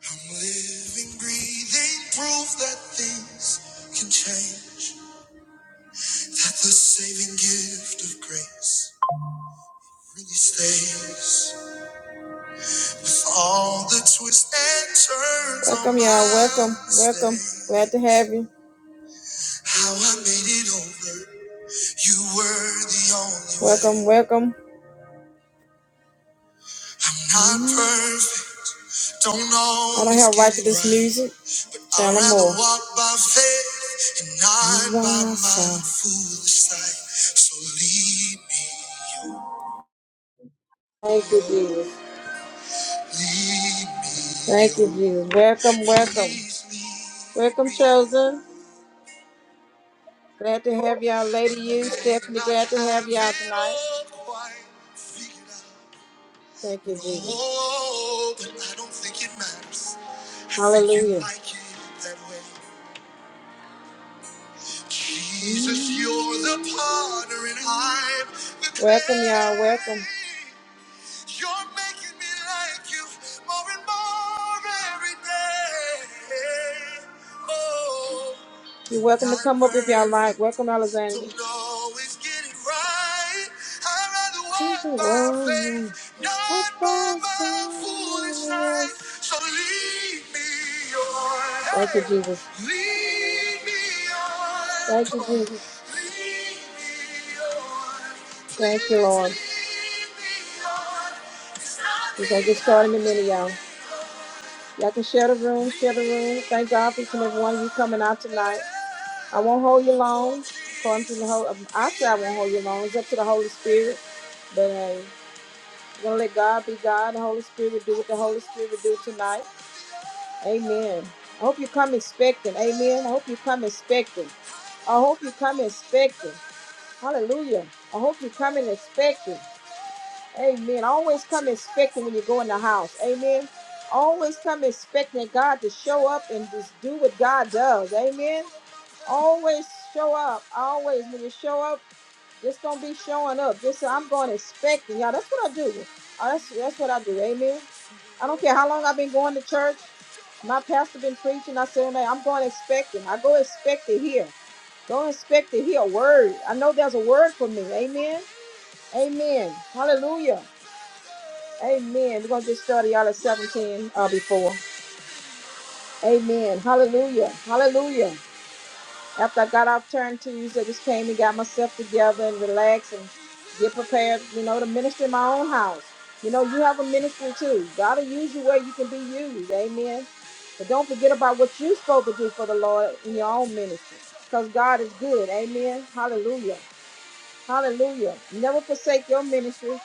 I'm living, breathing proof that things can change. That the saving gift of grace really stays with all the twists and turns. Welcome, y'all. Welcome, welcome. Glad to have you. How I made it over. You were the only one. Welcome, welcome. I'm not perfect. Don't know. I don't have right to this music. i would rather walk by faith and not by my awesome. foolish sight. So lead me. Thank you, Jesus. Lead me. Thank you, Jesus. Welcome, welcome. Welcome, chosen. Glad to have y'all, Lady You, Stephanie. Glad to have y'all tonight. Thank you, Jesus. Oh, Hallelujah. like Jesus, you're the potter and I'm the clay. Welcome, y'all. Welcome. You're making me like you more and more every day. Oh, you're welcome to come up if y'all like. Welcome, Alexander. Don't always get it right. I'd rather walk by faith, not by my foolish sight. So lead me on. Thank you, Jesus. Lead me on. Thank you, Jesus. Thank you, Lord. We're going to get started in a minute, y'all. Y'all can share the room, share the room. Thank God for each and every one of you coming out tonight. I won't hold you long. According to the whole, I say I won't hold you long. It's up to the Holy Spirit. But hey, we're going to let God be God. The Holy Spirit will do what the Holy Spirit will do tonight. Amen. I hope you come expecting. Amen. I hope you come expecting. I hope you come expecting. Hallelujah. I hope you come in expecting. Amen. Always come expecting when you go in the house. Amen. Always come expecting God to show up and just do what God does. Amen. Always show up. Always when you show up, just don't be showing up. Just say, I'm going expecting. Y'all, that's what I do. Oh, that's that's what I do. Amen. I don't care how long I've been going to church. My pastor been preaching. I said, "Man, I'm going expecting. I go expect to hear. Go expect to hear a word. I know there's a word for me. Amen. Amen. Hallelujah. Amen. We're going to get started. Y'all at 17 uh, before. Amen. Hallelujah. Hallelujah. After I got off turn Tuesday, just came and got myself together and relaxed and get prepared, you know, to minister in my own house. You know, you have a ministry too. God will use you where you can be used. Amen. But don't forget about what you're supposed to do for the Lord in your own ministry. Because God is good. Amen. Hallelujah. Hallelujah. Never forsake your ministry,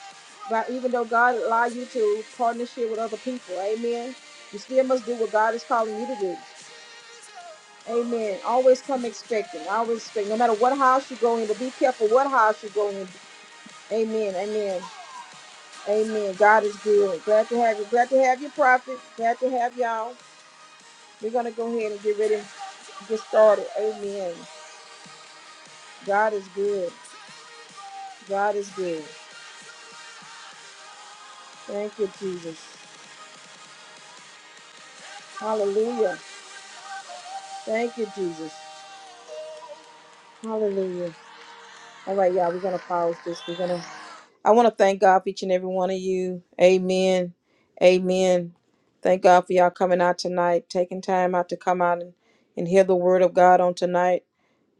but even though God allow you to partnership with other people, amen. You still must do what God is calling you to do. Amen. Always come expecting. Always expect. No matter what house you go in, to be careful what house you go in. Amen. Amen. Amen. God is good. Glad to have you. Glad to have you, prophet. Glad to have y'all. We're gonna go ahead and get ready and get started. Amen. God is good. God is good. Thank you, Jesus. Hallelujah. Thank you, Jesus. Hallelujah. All right, y'all, we're going to pause this. We're going to, I want to thank God for each and every one of you. Amen. Amen. Thank God for y'all coming out tonight, taking time out to come out and, and hear the word of God on tonight.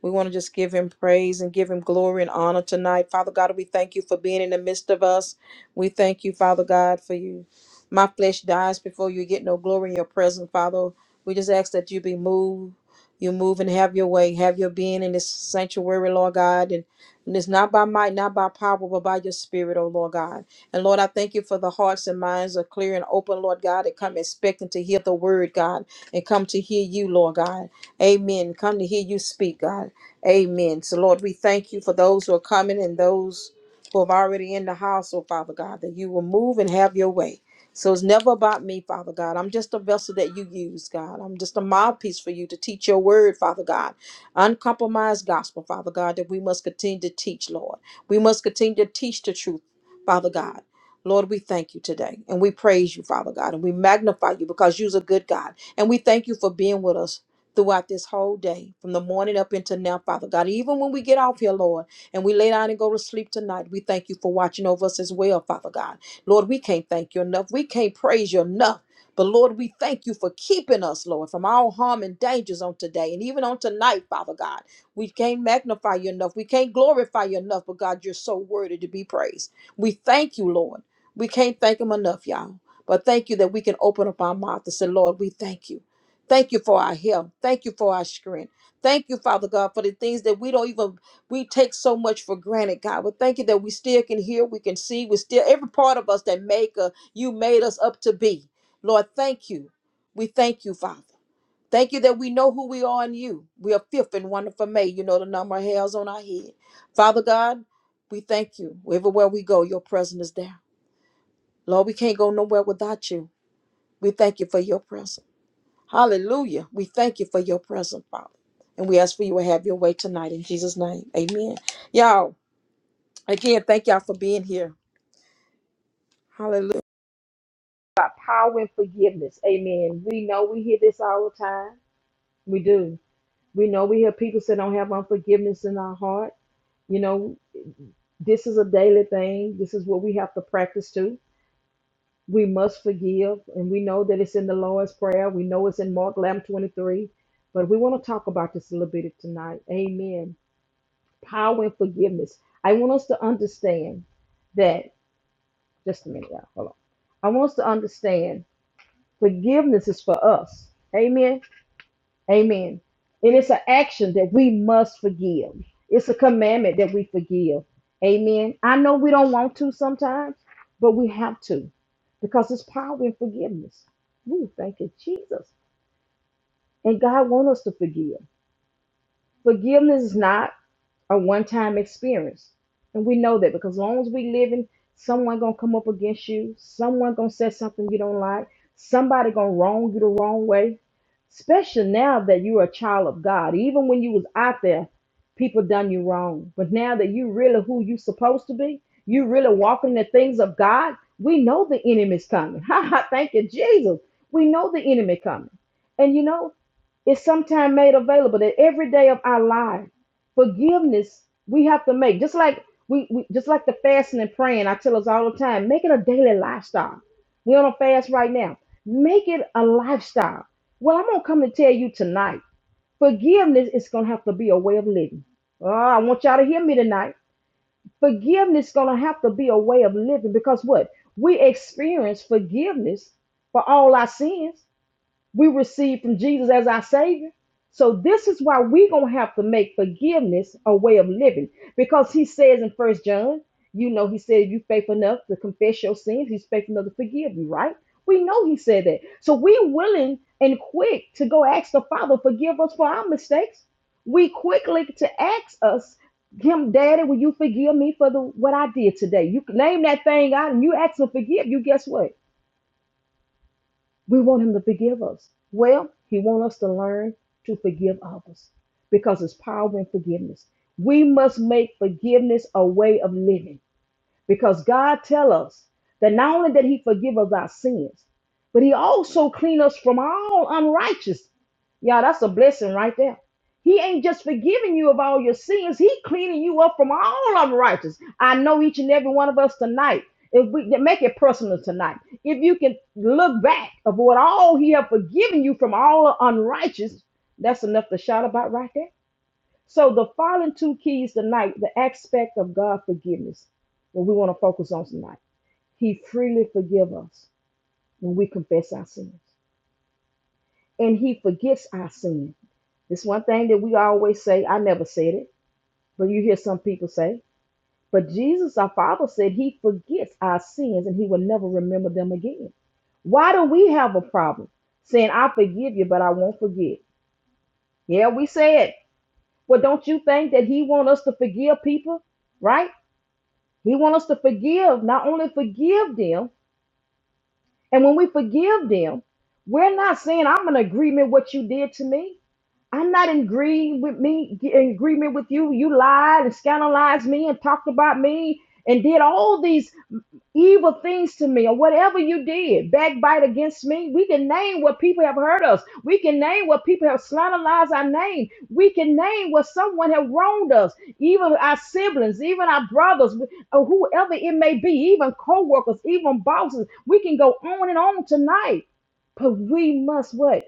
We want to just give him praise and give him glory and honor tonight. Father God, we thank you for being in the midst of us. We thank you, Father God, for you. My flesh dies before you get no glory in your presence, Father. We just ask that you be moved. You move and have your way. Have your being in this sanctuary, Lord God. And, and it's not by might, not by power, but by your spirit, oh Lord God. And Lord, I thank you for the hearts and minds are clear and open, Lord God, that come expecting to hear the word, God, and come to hear you, Lord God. Amen. Come to hear you speak, God. Amen. So, Lord, we thank you for those who are coming and those who have already in the house, oh Father God, that you will move and have your way. So it's never about me, Father God. I'm just a vessel that you use, God. I'm just a mouthpiece for you to teach your word, Father God. Uncompromised gospel, Father God, that we must continue to teach, Lord. We must continue to teach the truth, Father God. Lord, we thank you today and we praise you, Father God, and we magnify you because you're a good God. And we thank you for being with us throughout this whole day, from the morning up until now, Father God. Even when we get off here, Lord, and we lay down and go to sleep tonight, we thank you for watching over us as well, Father God. Lord, we can't thank you enough. We can't praise you enough. But Lord, we thank you for keeping us, Lord, from all harm and dangers on today and even on tonight, Father God. We can't magnify you enough. We can't glorify you enough, but God, you're so worthy to be praised. We thank you, Lord. We can't thank him enough, y'all. But thank you that we can open up our mouth and say, Lord, we thank you. Thank you for our help. Thank you for our strength. Thank you, Father God, for the things that we don't even we take so much for granted, God. We thank you that we still can hear, we can see, we still every part of us that make uh, you made us up to be. Lord, thank you. We thank you, Father. Thank you that we know who we are in you. We are fifth and wonderful made. You know the number of hairs on our head. Father God, we thank you. Everywhere we go, your presence is there. Lord, we can't go nowhere without you. We thank you for your presence. Hallelujah. We thank you for your presence, Father. And we ask for you to have your way tonight in Jesus' name. Amen. Y'all, again, thank y'all for being here. Hallelujah. By power and forgiveness. Amen. We know we hear this all the time. We do. We know we hear people say don't have unforgiveness in our heart. You know, this is a daily thing. This is what we have to practice too. We must forgive, and we know that it's in the Lord's Prayer. We know it's in Mark 11 23, but we want to talk about this a little bit tonight. Amen. power and forgiveness. I want us to understand that. Just a minute, y'all. Hold on. I want us to understand forgiveness is for us. Amen. Amen. And it's an action that we must forgive. It's a commandment that we forgive. Amen. I know we don't want to sometimes, but we have to because it's power in forgiveness. Ooh, thank you, Jesus. And God wants us to forgive. Forgiveness is not a one-time experience. And we know that because as long as we living, someone gonna come up against you, someone gonna say something you don't like, somebody gonna wrong you the wrong way. Especially now that you're a child of God. Even when you was out there, people done you wrong. But now that you really who you supposed to be, you really walking the things of God, we know the enemy's coming. Ha ha, thank you, Jesus. We know the enemy coming. And you know, is sometimes made available that every day of our life. Forgiveness we have to make. Just like we, we just like the fasting and praying, I tell us all the time, make it a daily lifestyle. We're on a fast right now. Make it a lifestyle. Well, I'm gonna come to tell you tonight. Forgiveness is gonna have to be a way of living. Oh, I want y'all to hear me tonight. Forgiveness is gonna have to be a way of living because what? We experience forgiveness for all our sins we receive from Jesus as our Savior. So this is why we're gonna have to make forgiveness a way of living. Because he says in First John, you know, he said, if you are faithful enough to confess your sins, he's faithful enough to forgive you, right? We know he said that. So we are willing and quick to go ask the Father, forgive us for our mistakes. We quickly to ask us, him, Daddy, will you forgive me for the what I did today? You can name that thing out and you ask him to forgive you, guess what? We want him to forgive us. Well, he wants us to learn to forgive others because it's power in forgiveness. We must make forgiveness a way of living. Because God tell us that not only did he forgive us our sins, but he also clean us from all unrighteous. Yeah, that's a blessing right there. He ain't just forgiving you of all your sins. He cleaning you up from all unrighteous. I know each and every one of us tonight. If we make it personal tonight, if you can look back of what all he have forgiven you from all unrighteous, that's enough to shout about right there. So the following two keys tonight, the aspect of God forgiveness, what we want to focus on tonight. He freely forgives us when we confess our sins. And he forgets our sin. It's one thing that we always say, I never said it, but you hear some people say, but Jesus, our Father, said he forgets our sins and he will never remember them again. Why do we have a problem saying, I forgive you, but I won't forget? Yeah, we say it. Well, don't you think that he want us to forgive people? right? He wants us to forgive, not only forgive them, and when we forgive them, we're not saying, I'm in agreement with what you did to me. I'm not in agree with me in agreement with you. You lied and scandalized me and talked about me and did all these evil things to me or whatever you did, backbite against me. We can name what people have hurt us. We can name what people have slanderized our name. We can name what someone have wronged us, even our siblings, even our brothers, or whoever it may be, even co-workers, even bosses. We can go on and on tonight. But we must what?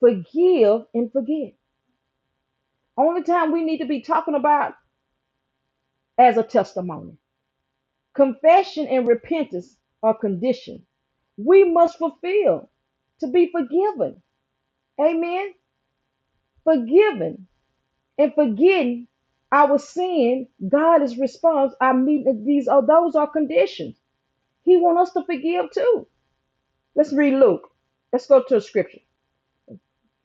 Forgive and forget. Only time we need to be talking about as a testimony. Confession and repentance are condition we must fulfill to be forgiven. Amen. Forgiven and forgetting our sin, God is response. I mean these are those are conditions. He wants us to forgive too. Let's read Luke. Let's go to a scripture.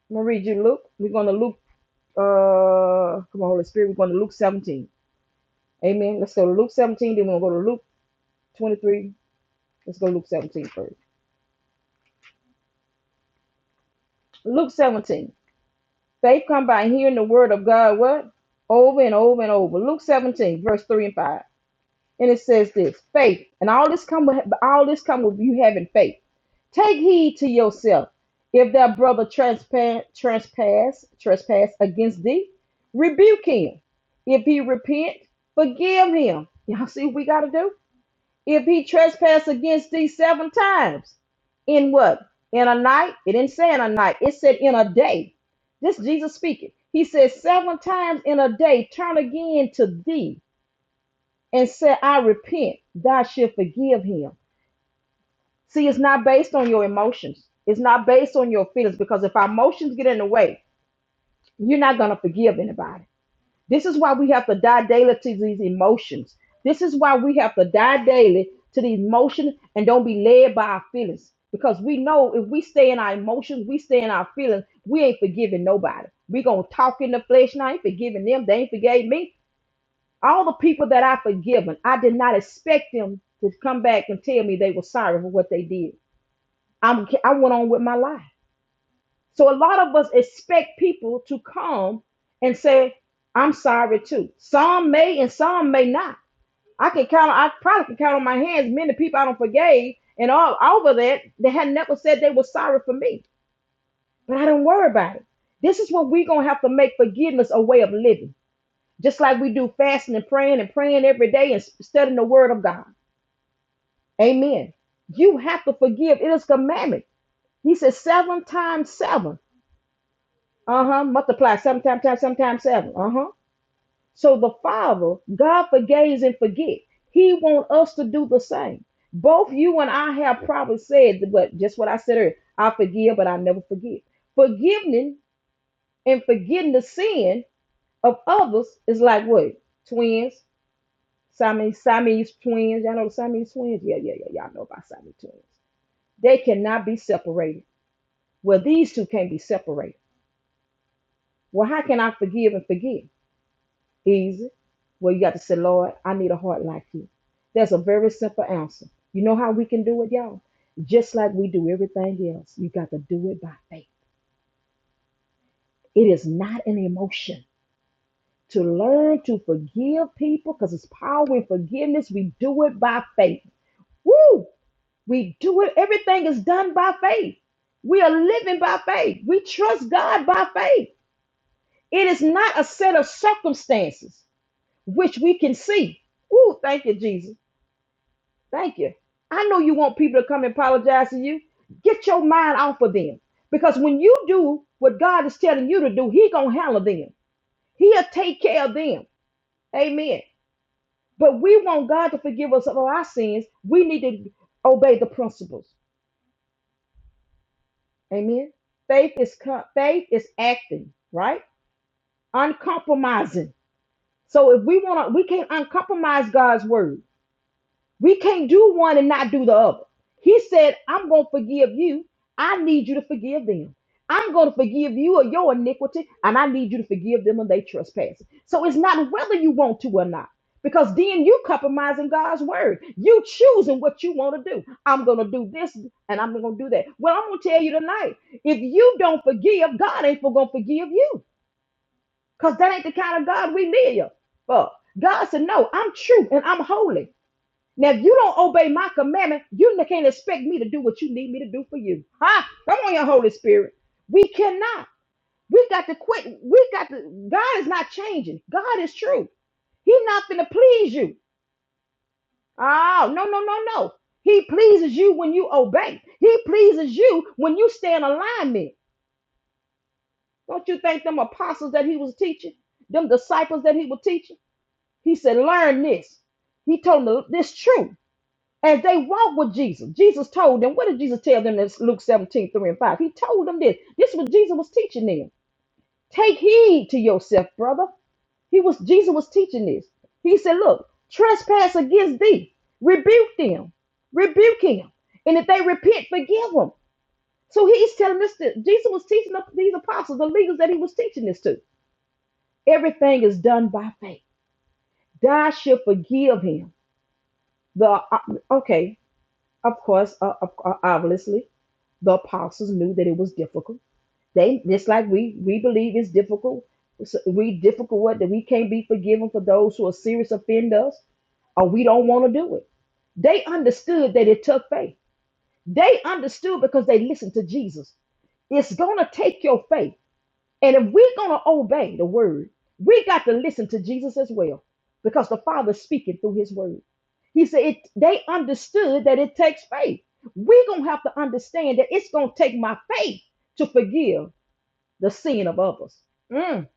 I'm gonna read you Luke. We're gonna Luke uh come on, Holy Spirit, we're going to Luke 17. Amen. Let's go to Luke 17, then we're gonna go to Luke 23 Let's go Luke 17 first. Luke 17. Faith come by hearing the word of God what? Over and over and over. Luke 17, verse 3 and 5. And it says this faith. And all this come with all this come with you having faith. Take heed to yourself. If thy brother transpa- trespass, trespass against thee, rebuke him. If he repent, forgive him. Y'all see what we gotta do? If he trespass against thee seven times, in what? In a night? It didn't say in a night. It said in a day. This Jesus speaking. He said seven times in a day, turn again to thee and say, I repent. Thou shalt forgive him. See, it's not based on your emotions. It's not based on your feelings because if our emotions get in the way, you're not going to forgive anybody. This is why we have to die daily to these emotions. This is why we have to die daily to these emotions and don't be led by our feelings. Because we know if we stay in our emotions, we stay in our feelings, we ain't forgiving nobody. We gonna talk in the flesh and I ain't forgiving them. They ain't forgave me. All the people that I forgiven, I did not expect them to come back and tell me they were sorry for what they did. I'm I went on with my life. So a lot of us expect people to come and say, I'm sorry too. Some may and some may not. I can count, I probably can count on my hands many people I don't forgave and all over that, they had never said they were sorry for me. But I don't worry about it. This is what we're going to have to make forgiveness a way of living, just like we do fasting and praying and praying every day and studying the word of God. Amen. You have to forgive. It is commandment. He says seven times seven. Uh-huh. Multiply sometimes, times, sometimes seven. Uh-huh. So the Father, God forgives and forget. He want us to do the same. Both you and I have probably said but just what I said earlier. I forgive, but I never forget. Forgiving and forgetting the sin of others is like what? Twins. Siamese, Siamese twins. Y'all know the Siamese twins? Yeah, yeah, yeah. Y'all know about Siamese twins. They cannot be separated. Well, these two can't be separated. Well, how can I forgive and forget? easy. Well, you got to say, Lord, I need a heart like you. That's a very simple answer. You know how we can do it, y'all? Just like we do everything else, you got to do it by faith. It is not an emotion. To learn to forgive people, because it's power in forgiveness, we do it by faith. Woo! We do it. Everything is done by faith. We are living by faith. We trust God by faith. It is not a set of circumstances which we can see. Woo! Thank you, Jesus Thank you. I know you want people to come and apologize to you. Get your mind off of them. Because when you do what God is telling you to do, He gonna handle them. He'll take care of them. Amen. But we want God to forgive us of our sins. We need to obey the principles. Amen. Faith is co- faith is acting, right? Uncompromising. So if we want to, we can't uncompromise God's word. We can't do one and not do the other. He said, I'm going to forgive you. I need you to forgive them. I'm going to forgive you of your iniquity, and I need you to forgive them of their trespasses. So it's not whether you want to or not, because then you compromising God's word. You choosing what you want to do. I'm going to do this and I'm going to do that. Well, I'm going to tell you tonight if you don't forgive, God ain't going to forgive you, because that ain't the kind of God we live. But God said, No, I'm true and I'm holy. Now, if you don't obey my commandment, you can't expect me to do what you need me to do for you. Huh? Come on, your Holy Spirit. We cannot. We got to quit. We got to. God is not changing. God is true. He's not going to please you. Oh, no, no, no, no. He pleases you when you obey. He pleases you when you stay in alignment. Don't you think them apostles that he was teaching, them disciples that he was teaching? He said, learn this. He told them this truth. as they walked with Jesus, Jesus told them, what did Jesus tell them in Luke 17 3 and 5? He told them this. This is what Jesus was teaching them. Take heed to yourself, brother. He was Jesus was teaching this. He said, Look, trespass against thee. Rebuke them. Rebuke him. And if they repent, forgive them. So he's telling this that Jesus was teaching the- these apostles, the leaders that he was teaching this to. Everything is done by faith. God should forgive him. The uh, okay, of course, uh, uh, obviously. the apostles knew that it was difficult. They just like we we believe it's difficult. It's- We difficult what that we can't be forgiven for those who are serious offend us, or we don't want to do it. They understood that it took faith. They understood because they listened to Jesus. It's gonna take your faith, and if we're gonna obey the word, we got to listen to Jesus as well, because the Father's speaking through His word. He said it, they understood that it takes faith. We're going to have to understand that it's going to take my faith to forgive the sin of others. Mm.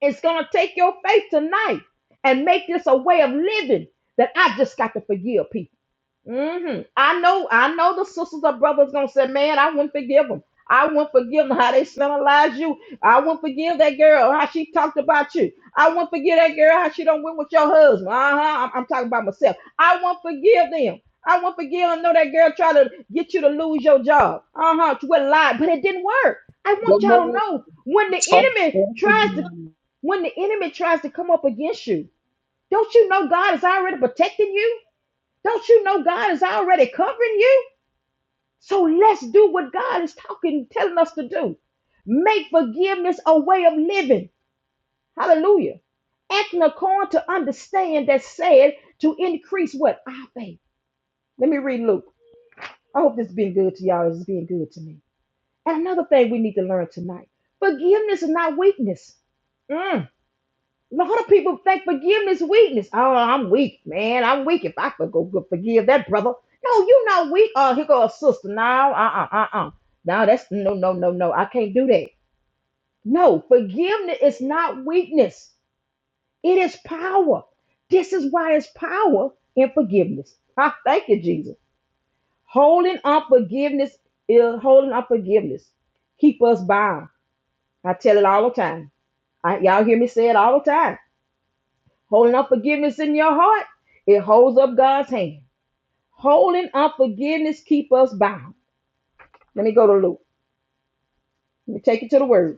It's going to take your faith tonight and make this a way of living that I just got to forgive people hmm I know, I know the sisters or brothers gonna say, man, I wouldn't forgive them. I wouldn't forgive them how they slanderized you. I wouldn't forgive that girl how she talked about you. I wouldn't forgive that girl how she don't went with your husband. Uh-huh. I'm, I'm talking about myself. I won't forgive them. I won't forgive them. Know that girl tried to get you to lose your job. Uh-huh. She went lie, but it didn't work. I want One y'all to more know when the talk, enemy talk tries to about it. when the enemy tries to come up against you, don't you know God is already protecting you? Don't you know God is already covering you? So let's do what God is talking, telling us to do. Make forgiveness a way of living. Hallelujah. Acting according to understand that said to increase what? Our faith. Let me read Luke. I hope this has been good to y'all. It's been good to me. And another thing we need to learn tonight forgiveness is not weakness. Mm. A lot of people think forgiveness weakness. Oh, I'm weak, man. I'm weak. If I could go go forgive that brother. No, you're not weak. Oh, here go a sister. No, uh-uh, uh-uh. No, that's no, no, no, no. I can't do that. No, forgiveness is not weakness. It is power. This is why it's power in forgiveness. Ah, thank you, Jesus. Holding unforgiveness is holding unforgiveness. Keep us bound. I tell it all the time. I, y'all hear me say it all the time. Holding unforgiveness in your heart, it holds up God's hand. Holding unforgiveness keep us bound. Let me go to Luke. Let me take you to the word.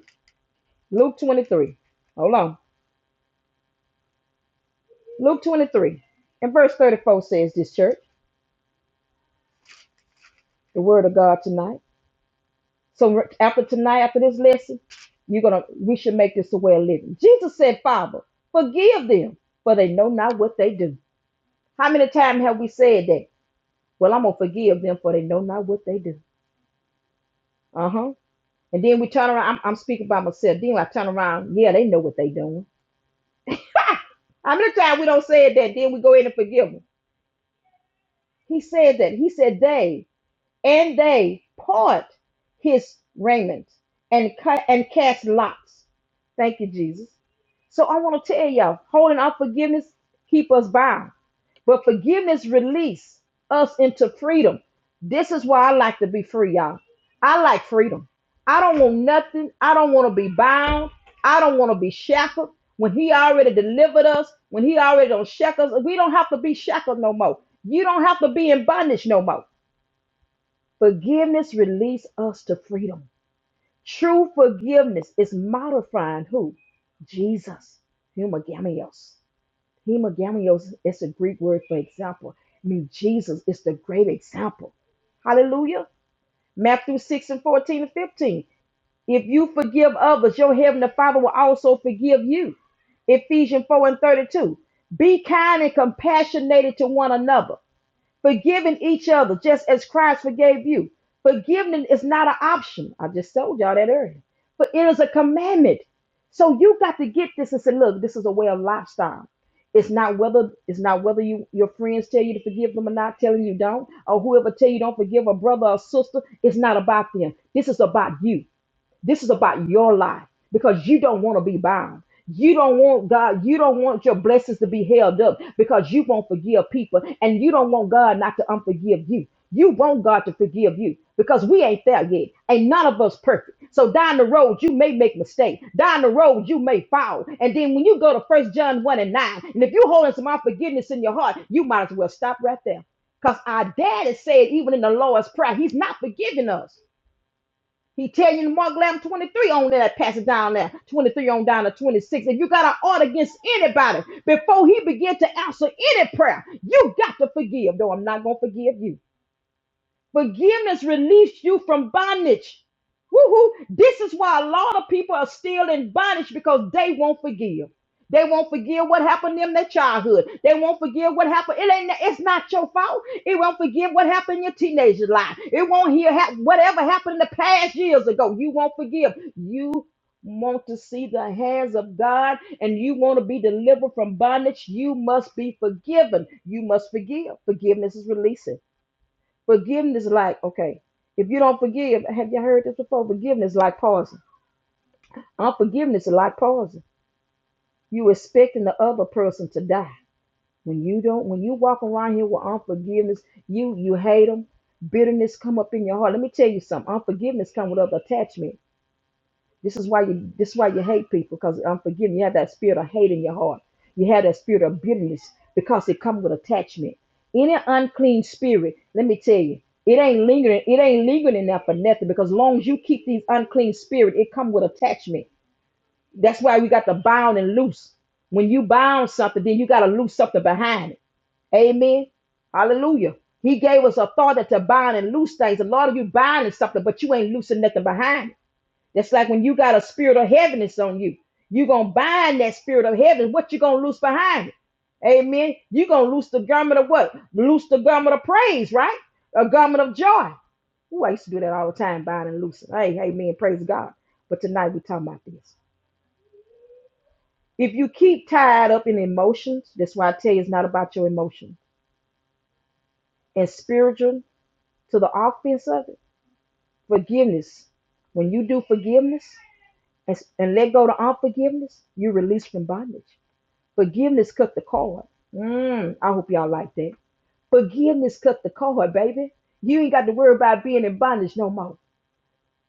Luke 23. Hold on. Luke 23. And verse 34 says this church, the word of God tonight. So after tonight, after this lesson, you're gonna we should make this a way of living. Jesus said, Father, forgive them, for they know not what they do. How many times have we said that? Well, I'm gonna forgive them, for they know not what they do. Uh-huh. And then we turn around. I'm, I'm speaking by myself. Then I turn around. Yeah, they know what they doing. How many times we don't say that? Then we go in and forgive them. He said that. He said they and they part his raiment and cut and cast lots. Thank you, Jesus. So I want to tell y'all, holding our forgiveness keep us bound. But forgiveness release us into freedom. This is why I like to be free, y'all. I like freedom. I don't want nothing. I don't want to be bound. I don't want to be shackled. When he already delivered us, when he already don't shackle us, we don't have to be shackled no more. You don't have to be in bondage no more. Forgiveness release us to freedom. True forgiveness is modifying who? Jesus. Humagamios. Hemogamios is a Greek word for example. I mean, Jesus is the great example. Hallelujah. Matthew 6 and 14 and 15. If you forgive others, your heavenly Father will also forgive you. Ephesians 4 and 32. Be kind and compassionate to one another Forgiving each other just as Christ forgave you. Forgiving is not an option. I just told y'all that earlier. But it is a commandment. So you got to get this and say, look, this is a way of lifestyle. It's not whether it's not whether you your friends tell you to forgive them or not telling you don't, or whoever tell you don't forgive a brother or sister. It's not about them. This is about you. This is about your life because you don't want to be bound. You don't want God, you don't want your blessings to be held up because you won't forgive people and you don't want God not to unforgive you. You want God to forgive you because we ain't there yet. Ain't none of us perfect. So down the road, you may make mistakes. Down the road, you may fall. And then when you go to First John 1 and 9, and if you're holding some unforgiveness in your heart, you might as well stop right there. Because our daddy said, even in the Lord's Prayer, he's not forgiving us. He tell you in Mark 11, 23 on that it down there, 23 on down to 26. If you got an order against anybody, before he begin to answer any prayer, you got to forgive. Though I'm not going to forgive you. Forgiveness released you from bondage. Woo-hoo. This is why a lot of people are still in bondage because they won't forgive. They won't forgive what happened in their childhood. They won't forgive what happened. It ain't. It's not your fault. It won't forgive what happened in your teenage life. It won't hear ha- whatever happened in the past years ago. You won't forgive. You want to see the hands of God, and you want to be delivered from bondage. You must be forgiven. You must forgive. Forgiveness is releasing. Forgiveness, like okay, if you don't forgive, have you heard this before? Forgiveness, is like poison. Unforgiveness, is like poison. You expecting the other person to die when you don't. When you walk around here with unforgiveness, you you hate them. Bitterness come up in your heart. Let me tell you something. Unforgiveness come with other attachment. This is why you this is why you hate people because unforgiving. You have that spirit of hate in your heart. You have that spirit of bitterness because it comes with attachment. Any unclean spirit, let me tell you, it ain't lingering. It ain't lingering in there for nothing because as long as you keep these unclean spirit, it comes with attachment. That's why we got to bound and loose. When you bound something, then you got to loose something behind it. Amen. Hallelujah. He gave us authority to bind and loose things. A lot of you binding something, but you ain't loosing nothing behind it. That's like when you got a spirit of heaviness on you. You're going to bind that spirit of heaven. What you going to loose behind it? Amen. You're going to loose the garment of what? Loose the garment of praise, right? A garment of joy. Ooh, I used to do that all the time, bind and loosing. Hey, amen. Praise God. But tonight we're talking about this. If you keep tied up in emotions, that's why I tell you it's not about your emotions. And spiritual to the offense of it, forgiveness. When you do forgiveness and, and let go to unforgiveness, you release from bondage. Forgiveness cut the cord. Mm, I hope y'all like that. Forgiveness cut the cord, baby. You ain't got to worry about being in bondage no more.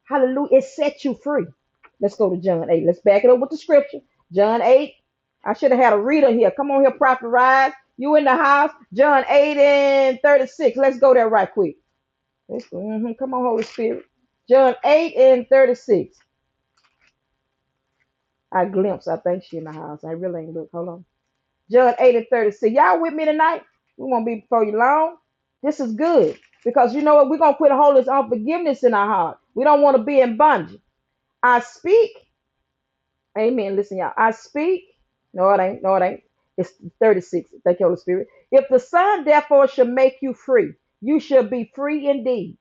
Hallelujah. It set you free. Let's go to John 8. Let's back it up with the scripture. John 8. I should have had a reader here. Come on here, Prophet Rise. You in the house. John 8 and 36. Let's go there right quick. let mhm. Come on, Holy Spirit. John 8 and 36. I glimpsed. I think she in the house. I really ain't look. Hold on. John 8 and 36. Y'all with me tonight? We won't be before you long. This is good because you know what? We're going to quit holding this unforgiveness in our heart. We don't want to be in bondage. I speak. Amen. Listen, y'all. I speak. No, it ain't. No, it ain't. It's 36. Thank you, Holy Spirit. If the Son, therefore, should make you free, you shall be free indeed.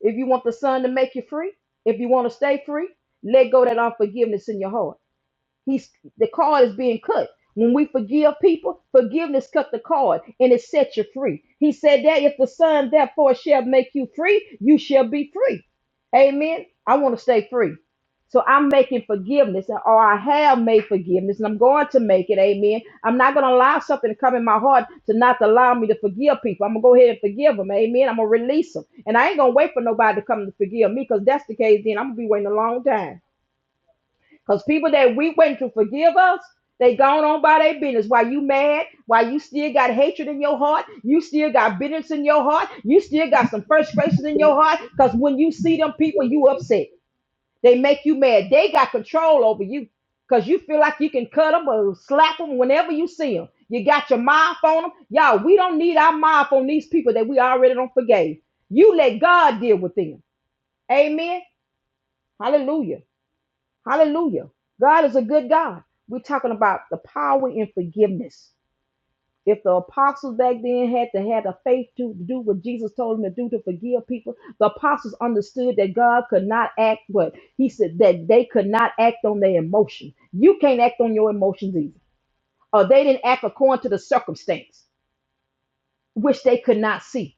If you want the Son to make you free, if you want to stay free, let go of that unforgiveness in your heart. He's the card is being cut. When we forgive people, forgiveness cut the cord and it sets you free. He said that if the Son therefore shall make you free, you shall be free. Amen. I want to stay free. So I'm making forgiveness, or I have made forgiveness, and I'm going to make it. Amen. I'm not going to allow something to come in my heart to not allow me to forgive people. I'm going to go ahead and forgive them. Amen. I'm going to release them. And I ain't going to wait for nobody to come to forgive me because that's the case. Then I'm going to be waiting a long time. Because people that we waiting to forgive us, they gone on by their business. Why you mad? Why you still got hatred in your heart? You still got bitterness in your heart? You still got some frustrations in your heart? Because when you see them people, you upset. They make you mad. They got control over you. Because you feel like you can cut them or slap them whenever you see them. You got your mouth on them. Y'all, we don't need our mouth on these people that we already don't forgave. You let God deal with them. Amen. Hallelujah. Hallelujah. God is a good God. We're talking about the power in forgiveness. If the apostles back then had to have the faith to do what Jesus told them to do to forgive people, the apostles understood that God could not act what he said that they could not act on their emotion. You can't act on your emotions either. Or they didn't act according to the circumstance, which they could not see.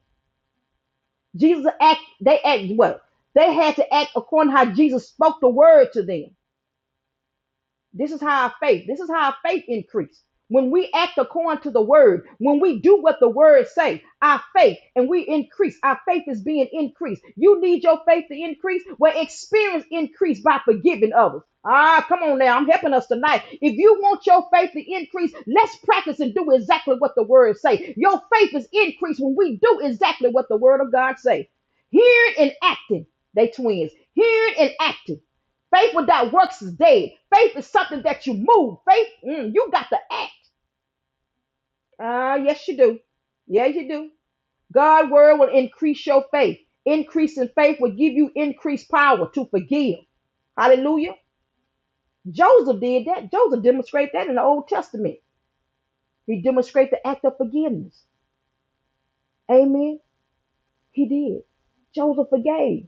Jesus act they act what? They had to act according to how Jesus spoke the word to them. This is how our faith, this is how our faith increase. When we act according to the word, when we do what the word say, our faith and we increase. Our faith is being increased. You need your faith to increase. Well, experience increase by forgiving others. Ah, come on now. I'm helping us tonight. If you want your faith to increase, let's practice and do exactly what the word say. Your faith is increased when we do exactly what the word of God say. Hearing and acting, they twins. Hearing and acting. Faith without works is dead. Faith is something that you move. Faith, mm, you got to act. Ah, yes, you do. Yeah, you do. God's word will increase your faith. Increase in faith will give you increased power to forgive. Hallelujah. Joseph did that. Joseph demonstrated that in the Old Testament. He demonstrated the act of forgiveness. Amen. He did. Joseph forgave.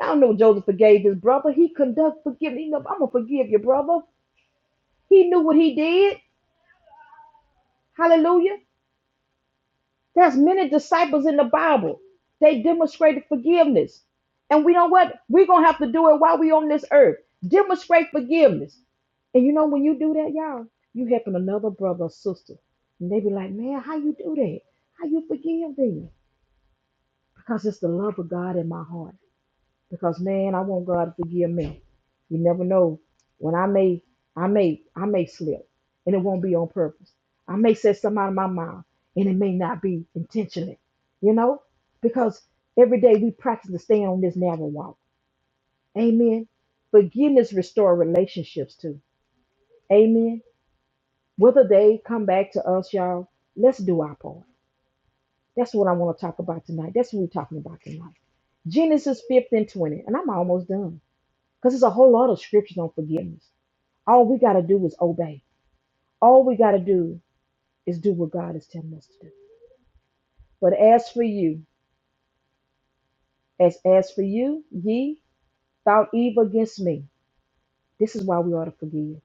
Y'all know Joseph forgave his brother. He conducted forgiveness. He knew, I'm gonna forgive your brother. He knew what he did. Hallelujah. There's many disciples in the Bible. They demonstrated forgiveness. And we know what? We're gonna have to do it while we're on this earth. Demonstrate forgiveness. And you know when you do that, y'all, you helping another brother or sister. And they be like, man, how you do that? How you forgive them? Because it's the love of God in my heart because man, I want God to forgive me. You never know when I may, I may, I may slip, and it won't be on purpose. I may say something out of my mouth, and it may not be intentionally. You know, because every day we practice to stay on this narrow walk. Amen. Forgiveness restore relationships too. Amen. Whether they come back to us, y'all, let's do our part. That's what I want to talk about tonight. That's what we're talking about tonight. Genesis 5 and 20. And I'm almost done. Because there's a whole lot of scriptures on forgiveness. All we got to do is obey. All we got to do is do what God is telling us to do. But as for you, as as for you, ye thought evil against me. This is why we ought to forgive.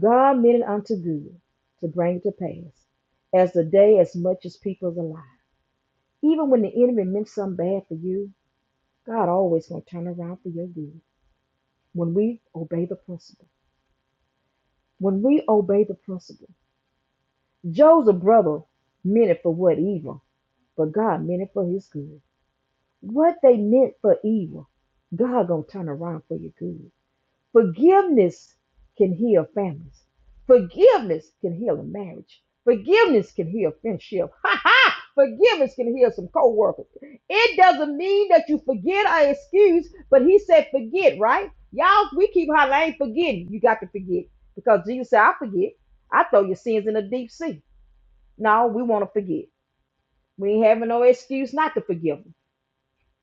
God meant it unto good to bring it to pass, as the day as much as people is alive. Even when the enemy meant something bad for you, God always gonna turn around for your good when we obey the principle. When we obey the principle, Joseph's brother meant it for what evil but God meant it for his good. What they meant for evil, God gonna turn around for your good. Forgiveness can heal families. Forgiveness can heal a marriage. Forgiveness can heal friendship. Ha ha! Forgiveness can heal some co-workers. It doesn't mean that you forget or excuse, but he said forget, right? Y'all, we keep hollering, I ain't forgetting. You got to forget. Because Jesus said, I forget. I throw your sins in the deep sea. No, we want to forget. We ain't having no excuse not to forgive them.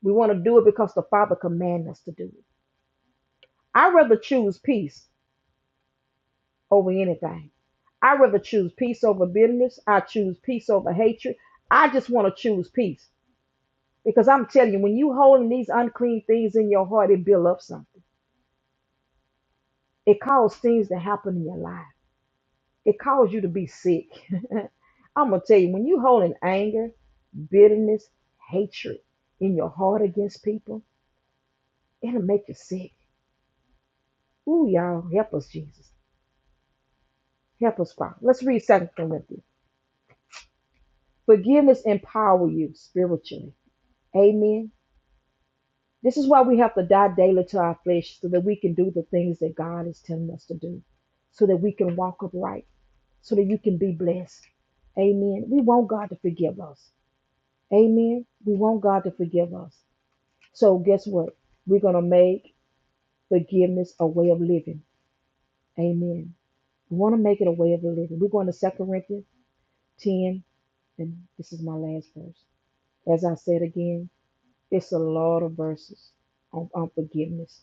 We want to do it because the Father commanded us to do it. I'd rather choose peace over anything. I'd rather choose peace over bitterness. I choose peace over hatred. I just want to choose peace because I'm telling you, when you holding these unclean things in your heart, it build up something. It causes things to happen in your life. It causes you to be sick. I'm gonna tell you, when you holding anger, bitterness, hatred in your heart against people, it'll make you sick. Ooh, y'all, help us, Jesus. Help us, Father. Let's read Second Corinthians. Forgiveness empower you spiritually. Amen. This is why we have to die daily to our flesh so that we can do the things that God is telling us to do, so that we can walk upright, so that you can be blessed. Amen. We want God to forgive us. Amen. We want God to forgive us. So guess what? We're going to make forgiveness a way of living. Amen. We want to make it a way of living. We're going to Second Corinthians 10, and this is my last verse. As I said again, it's a lot of verses on, on forgiveness.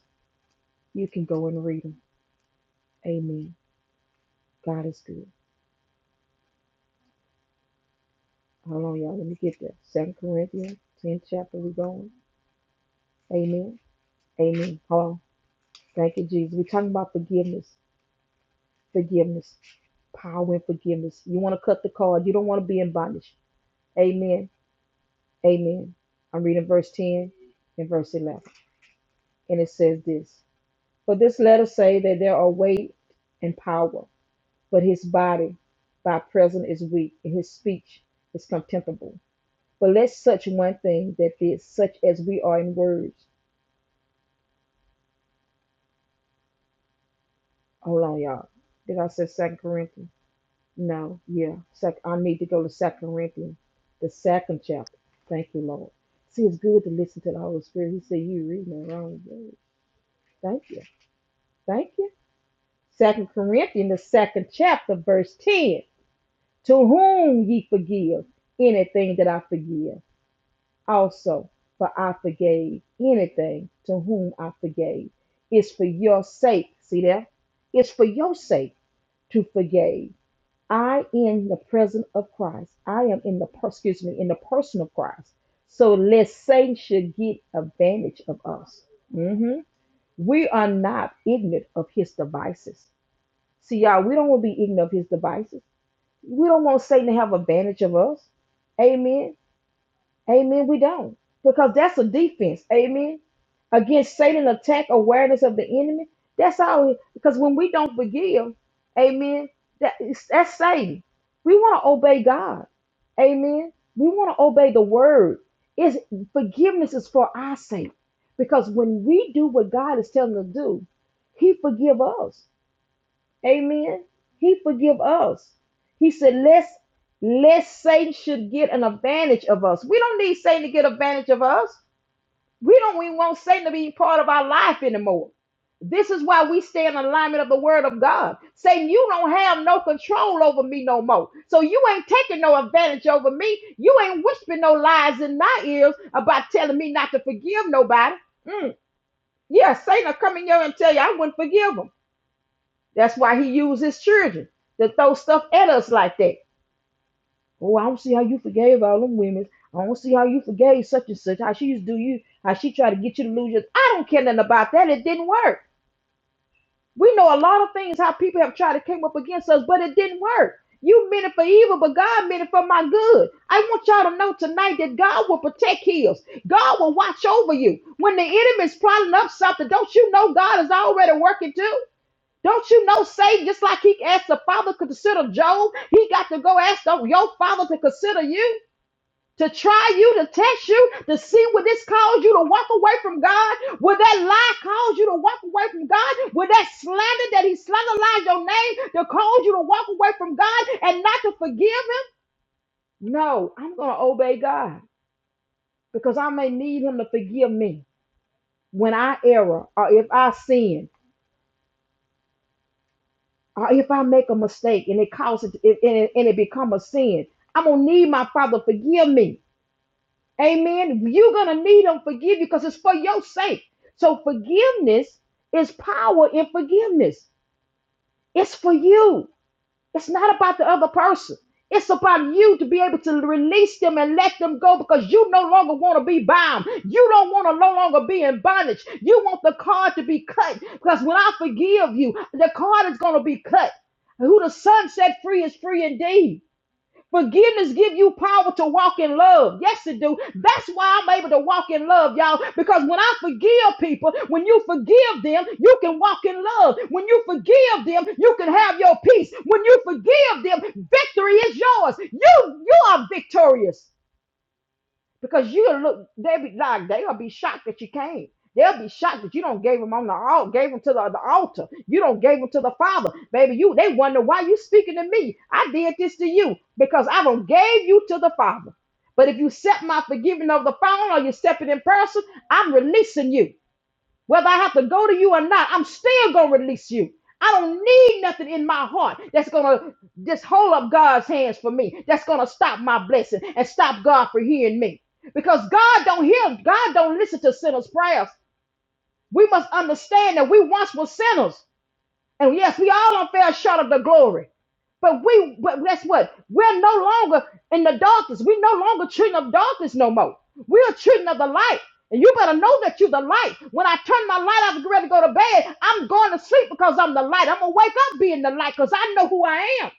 You can go and read them. Amen. God is good. Hold on, y'all. Let me get there. Second Corinthians, 10th chapter. we going. Amen. Amen. Hold on. Thank you, Jesus. We're talking about forgiveness. Forgiveness. Power in forgiveness. You want to cut the cord. You don't want to be in bondage. Amen. Amen. I'm reading verse 10 and verse 11. And it says this For this letter say that there are weight and power but his body by present is weak, and his speech is contemptible. But let such one thing that is such as we are in words. Hold on, y'all. Did I say Second Corinthians? No, yeah. Second. I need to go to Second Corinthians, the second chapter. Thank you, Lord. See, it's good to listen to the Holy Spirit. He said, "You reading the wrong word." Thank you, thank you. Second Corinthians, the second chapter, verse ten. To whom ye forgive anything that I forgive also, for I forgave anything to whom I forgave. It's for your sake, see there? It's for your sake to forgive. I in the presence of Christ. I am in the per- excuse me in the person of Christ. So lest Satan should get advantage of us. Mhm. We are not ignorant of his devices. See, y'all, we don't want to be ignorant of his devices. We don't want Satan to have advantage of us. Amen. Amen. We don't. Because that's a defense. Amen. Against Satan attack awareness of the enemy. That's all. it- Because when we don't forgive, amen, that, that's Satan. We want to obey God. Amen. We want to obey the word. Is forgiveness is for our sake. Because when we do what God is telling us to do, He forgive us. Amen. He forgive us. He said, lest, lest Satan should get an advantage of us. We don't need Satan to get advantage of us. We don't even want Satan to be part of our life anymore. This is why we stay in alignment of the word of God. Satan, you don't have no control over me no more. So you ain't taking no advantage over me. You ain't whispering no lies in my ears about telling me not to forgive nobody. Mm. Yeah, Satan will come in here and tell you I wouldn't forgive him. That's why he used his children to throw stuff at us like that. Oh, I don't see how you forgave all them women. I don't see how you forgave such and such. How she used to do you, how she tried to get you to lose your. I don't care nothing about that. It didn't work. We know a lot of things how people have tried to come up against us, but it didn't work. You meant it for evil, but God meant it for my good. I want y'all to know tonight that God will protect his. God will watch over you. When the enemy's plotting up something, don't you know God is already working too? Don't you know Satan, just like he asked the father to consider Job, he got to go ask the- your father to consider you, to try you, to test you, to see would this cause you to walk away from God? Would that lie cause you to walk away from God? Would that slander that he slanderized your name to cause you to walk away from God and not to forgive him? No, I'm going to obey God because I may need him to forgive me when I err or if I sin. or if I make a mistake and it causes it and it, and it become a sin, I'm gonna need my father forgive me. Amen. You're gonna need him forgive you because it's for your sake. So forgiveness is power in forgiveness. It's for you. It's not about the other person. It's about you to be able to release them and let them go because you no longer want to be bound. You don't want to no longer be in bondage. You want the card to be cut because when I forgive you, the card is going to be cut. Who the son set free is free indeed. Forgiveness give you power to walk in love. Yes, it do. That's why I'm able to walk in love, y'all. Because when I forgive people, when you forgive them, you can walk in love. When you forgive them, you can have your peace. When you forgive them, victory is yours. You you are victorious because you'll look they be like they'll be shocked that you came they'll be shocked that you don't gave them on the altar gave them to the, the altar you don't gave them to the father baby you they wonder why you speaking to me i did this to you because i don't gave you to the father but if you accept my forgiving of the phone or you accept it in person i'm releasing you whether I have to go to you or not, I'm still going to release you. I don't need nothing in my heart that's going to just hold up God's hands for me. That's going to stop my blessing and stop God from hearing me. Because God don't hear, God don't listen to sinners' prayers. We must understand that we once were sinners. And yes, we all don't fail short of the glory. But we, but guess what? We're no longer in the darkness. We're no longer treating of darkness no more. We're treating of the light. And you better know that you're the light. When I turn my light off and get ready to go to bed, I'm going to sleep because I'm the light. I'm going to wake up being the light because I know who I am.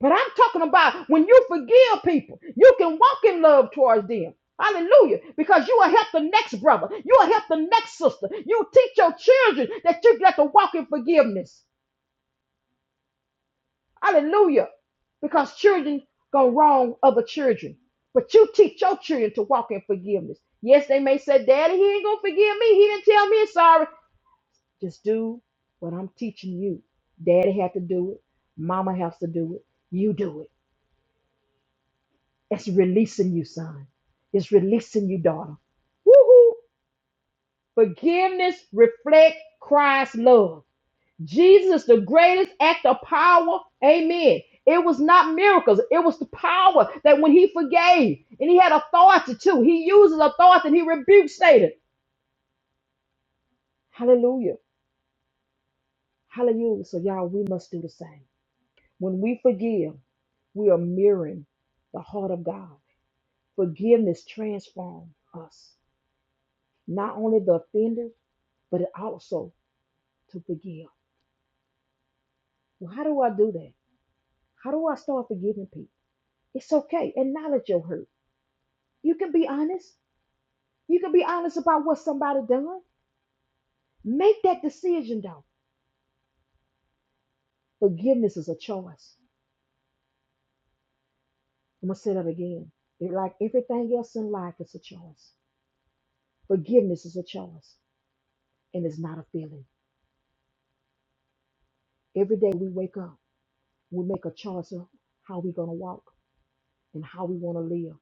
But I'm talking about when you forgive people, you can walk in love towards them. Hallelujah. Because you will help the next brother. You will help the next sister. You teach your children that you get to walk in forgiveness. Hallelujah. Because children go wrong other children. But you teach your children to walk in forgiveness. Yes, they may say, Daddy, he ain't gonna forgive me. He didn't tell me sorry. Just do what I'm teaching you. Daddy had to do it. Mama has to do it. You do it. It's releasing you, son. It's releasing you, daughter. Woo-hoo. Forgiveness reflect Christ's love. Jesus, the greatest act of power, amen. It was not miracles, it was the power that when he forgave and he had authority too, he uses authority and he rebukes Satan. Hallelujah. Hallelujah. So, y'all, we must do the same. When we forgive, we are mirroring the heart of God. Forgiveness transforms us, not only the offender, but it also to forgive. Well, how do I do that? How do I start forgiving people? It's okay. Acknowledge your hurt. You can be honest. You can be honest about what somebody done. Make that decision though. Forgiveness is a choice. I'm gonna say that again. It- like everything else in life, it's a choice. Forgiveness is a choice, and it's not a feeling. Every day we wake up, we make a choice of how we're gonna walk and how we wanna live.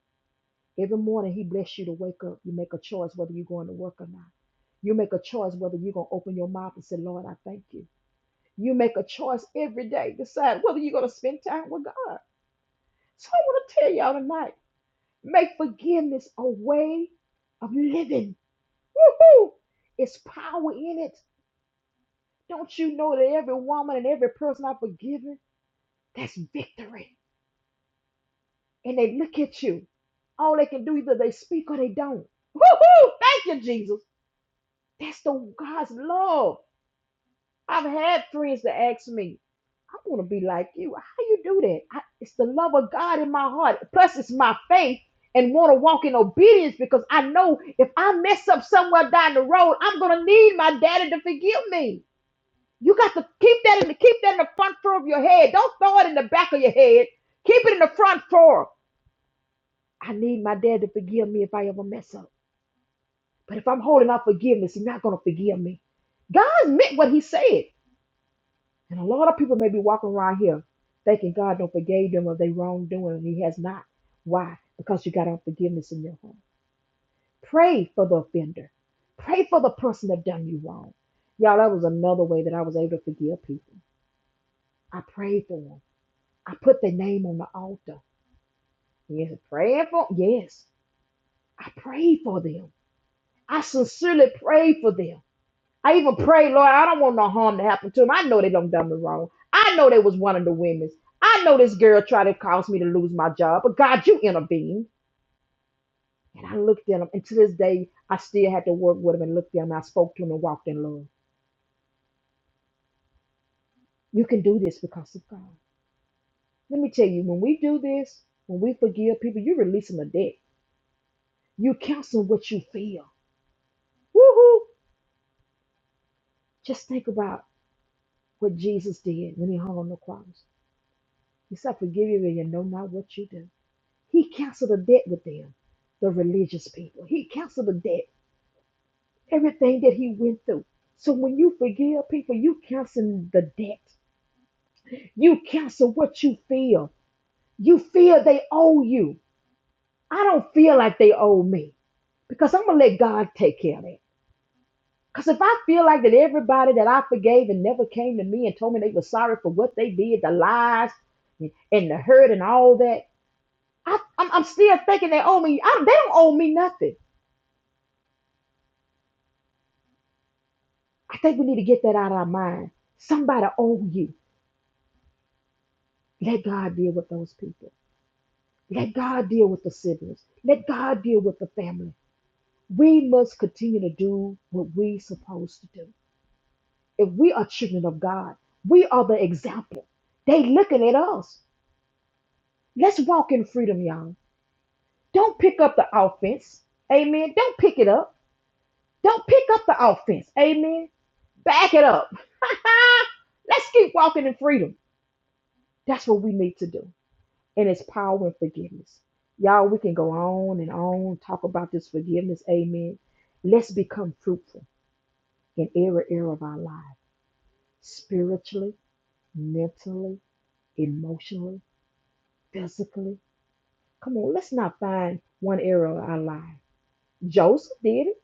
Every morning he bless you to wake up. You make a choice whether you're going to work or not. You make a choice whether you're gonna open your mouth and say, Lord, I thank you. You make a choice every day. Decide whether you're gonna spend time with God. So I want to tell y'all tonight make forgiveness a way of living. Woo hoo! It's power in it. Don't you know that every woman and every person I've forgiven, that's victory. And they look at you. All they can do either they speak or they don't. Woo hoo! Thank you, Jesus. That's the God's love. I've had friends that ask me, I want to be like you. How you do that? I, it's the love of God in my heart. Plus, it's my faith and want to walk in obedience because I know if I mess up somewhere down the road, I'm going to need my daddy to forgive me. You got to keep that in the keep that in the front floor of your head. Don't throw it in the back of your head. Keep it in the front floor. I need my dad to forgive me if I ever mess up. But if I'm holding out forgiveness, he's not going to forgive me. God meant what he said. And a lot of people may be walking around here thinking God don't forgive them of their wrongdoing, and He has not. Why? Because you got unforgiveness in your heart. Pray for the offender. Pray for the person that done you wrong. Y'all, that was another way that I was able to forgive people. I prayed for them. I put their name on the altar. Yes, praying for yes. I prayed for them. I sincerely prayed for them. I even pray, Lord, I don't want no harm to happen to him. I know they done done me wrong. I know they was one of the women. I know this girl tried to cause me to lose my job, but God, you intervened. And I looked at him, and to this day, I still had to work with him and looked at him. I spoke to him and walked in love. You can do this because of God. Let me tell you, when we do this, when we forgive people, you're releasing a debt. You counsel what you feel. Woohoo! Just think about what Jesus did when he hung on the cross. He said, "I forgive you, and you know not what you do. He canceled a debt with them, the religious people. He canceled a debt, everything that he went through. So when you forgive people, you cancel the debt. You cancel what you feel. You feel they owe you. I don't feel like they owe me because I'm going to let God take care of that. Because if I feel like that everybody that I forgave and never came to me and told me they were sorry for what they did, the lies and the hurt and all that, I, I'm, I'm still thinking they owe me. I, they don't owe me nothing. I think we need to get that out of our mind. Somebody owe you. Let God deal with those people. Let God deal with the siblings. Let God deal with the family. We must continue to do what we are supposed to do. If we are children of God, we are the example. They looking at us. Let's walk in freedom, y'all. Don't pick up the offense. Amen. Don't pick it up. Don't pick up the offense. Amen. Back it up. Let's keep walking in freedom. That's what we need to do. and its power and forgiveness. Y'all, we can go on and on, talk about this forgiveness. Amen. Let's become fruitful in every area of our life spiritually, mentally, emotionally, physically. Come on, let's not find one area of our life. Joseph did it.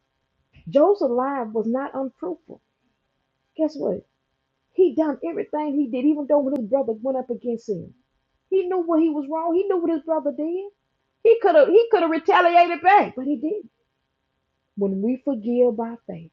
Joseph's life was not unfruitful. Guess what? He done everything he did, even though when his brother went up against him. He knew what he was wrong. He knew what his brother did. He could have he could have retaliated back, but he didn't. When we forgive by faith,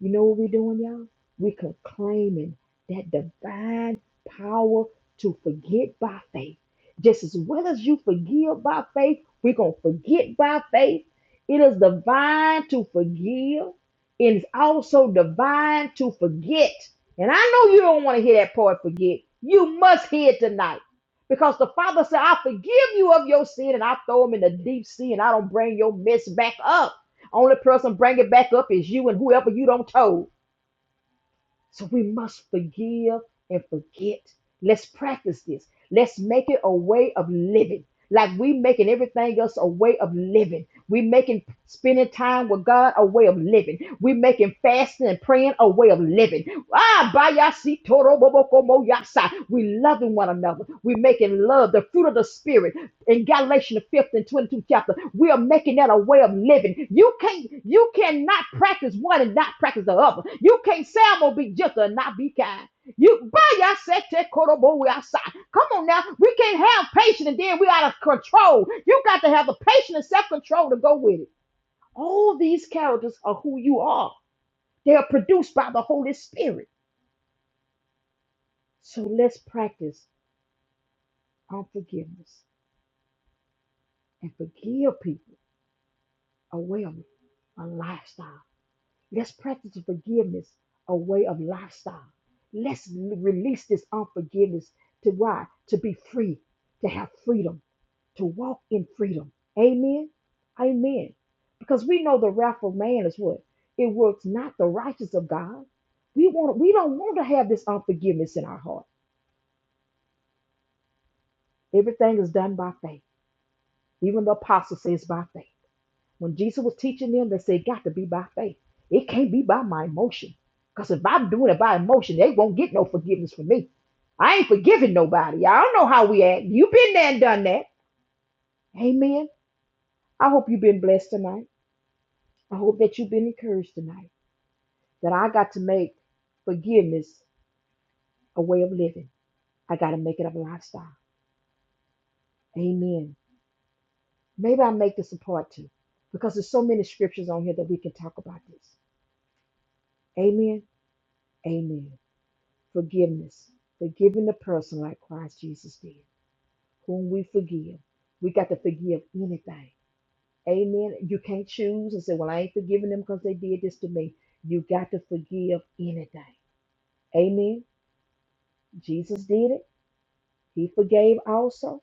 you know what we're doing, y'all? We're claiming that divine power to forget by faith. Just as well as you forgive by faith, we're going to forget by faith. It is divine to forgive. It is also divine to forget. And I know you don't want to hear that part forget. You must hear it tonight. Because the Father said, I forgive you of your sin and I throw them in the deep sea and I don't bring your mess back up. Only person bring it back up is you and whoever you don't told. So we must forgive and forget. Let's practice this. Let's make it a way of living. Like we making everything else a way of living. We making spending time with God a way of living. We making fasting and praying a way of living. Ah, bayasi toro boboko mo yasa. We loving one another. We making love, the fruit of the spirit in Galatians the 5th and 22 chapter. We are making that a way of living. You can't, you cannot practice one and not practice the other. You can't say I'm gonna be gentle and not be kind. You by y'all said that korobo we outside. come on now. We can't have patience and then we out of control. You got to have the patience and self-control to go with it. All these characters are who you are. They are produced by the Holy Spirit. So let's practice unforgiveness and forgive people a way of a lifestyle. Let's practice forgiveness, a way of lifestyle. Let's release this unforgiveness to why? To be free, to have freedom, to walk in freedom. Amen. Amen. Because we know the wrath of man is what? It works not the righteous of God. We want we don't want to have this unforgiveness in our heart. Everything is done by faith. Even the apostle says by faith. When Jesus was teaching them, they said, got to be by faith. It can't be by my emotion. Because if I'm doing it by emotion, they won't get no forgiveness from me. I ain't forgiving nobody. I don't know how we act. You've been there and done that. Amen. I hope you've been blessed tonight. I hope that you've been encouraged tonight. That I got to make forgiveness a way of living. I got to make it a lifestyle. Amen. Maybe I make this a part two because there's so many scriptures on here that we can talk about this. Amen. Amen. forgiveness, forgiving the person like Christ Jesus did, whom we forgive. We got to forgive anything. Amen. You can't choose and say, Well, I ain't forgiving them because they did this to me. You got to forgive anything. Amen. Jesus did it, He forgave also.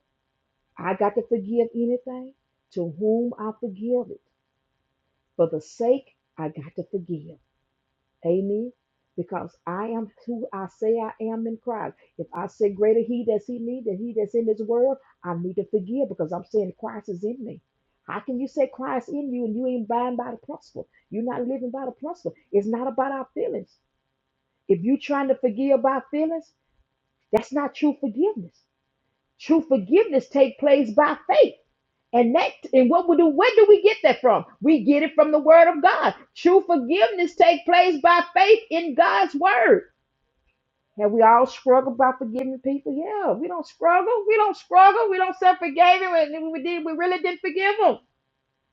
I got to forgive anything to whom I forgive it. For the sake, I got to forgive. Amen. Because I am who I say I am in Christ. If I say greater he that's in me than he that's in this world, I need to forgive because I'm saying Christ is in me. How can you say Christ in you and you ain't buying by the principle? You're not living by the principle. It's not about our feelings. If you're trying to forgive by feelings, that's not true forgiveness. True forgiveness take place by faith. And that and what we do, where do we get that from? We get it from the word of God. True forgiveness take place by faith in God's word. Have we all struggled by forgiving people? Yeah, we don't struggle. We don't struggle. We don't self forgave him, and then we did. We really didn't forgive him.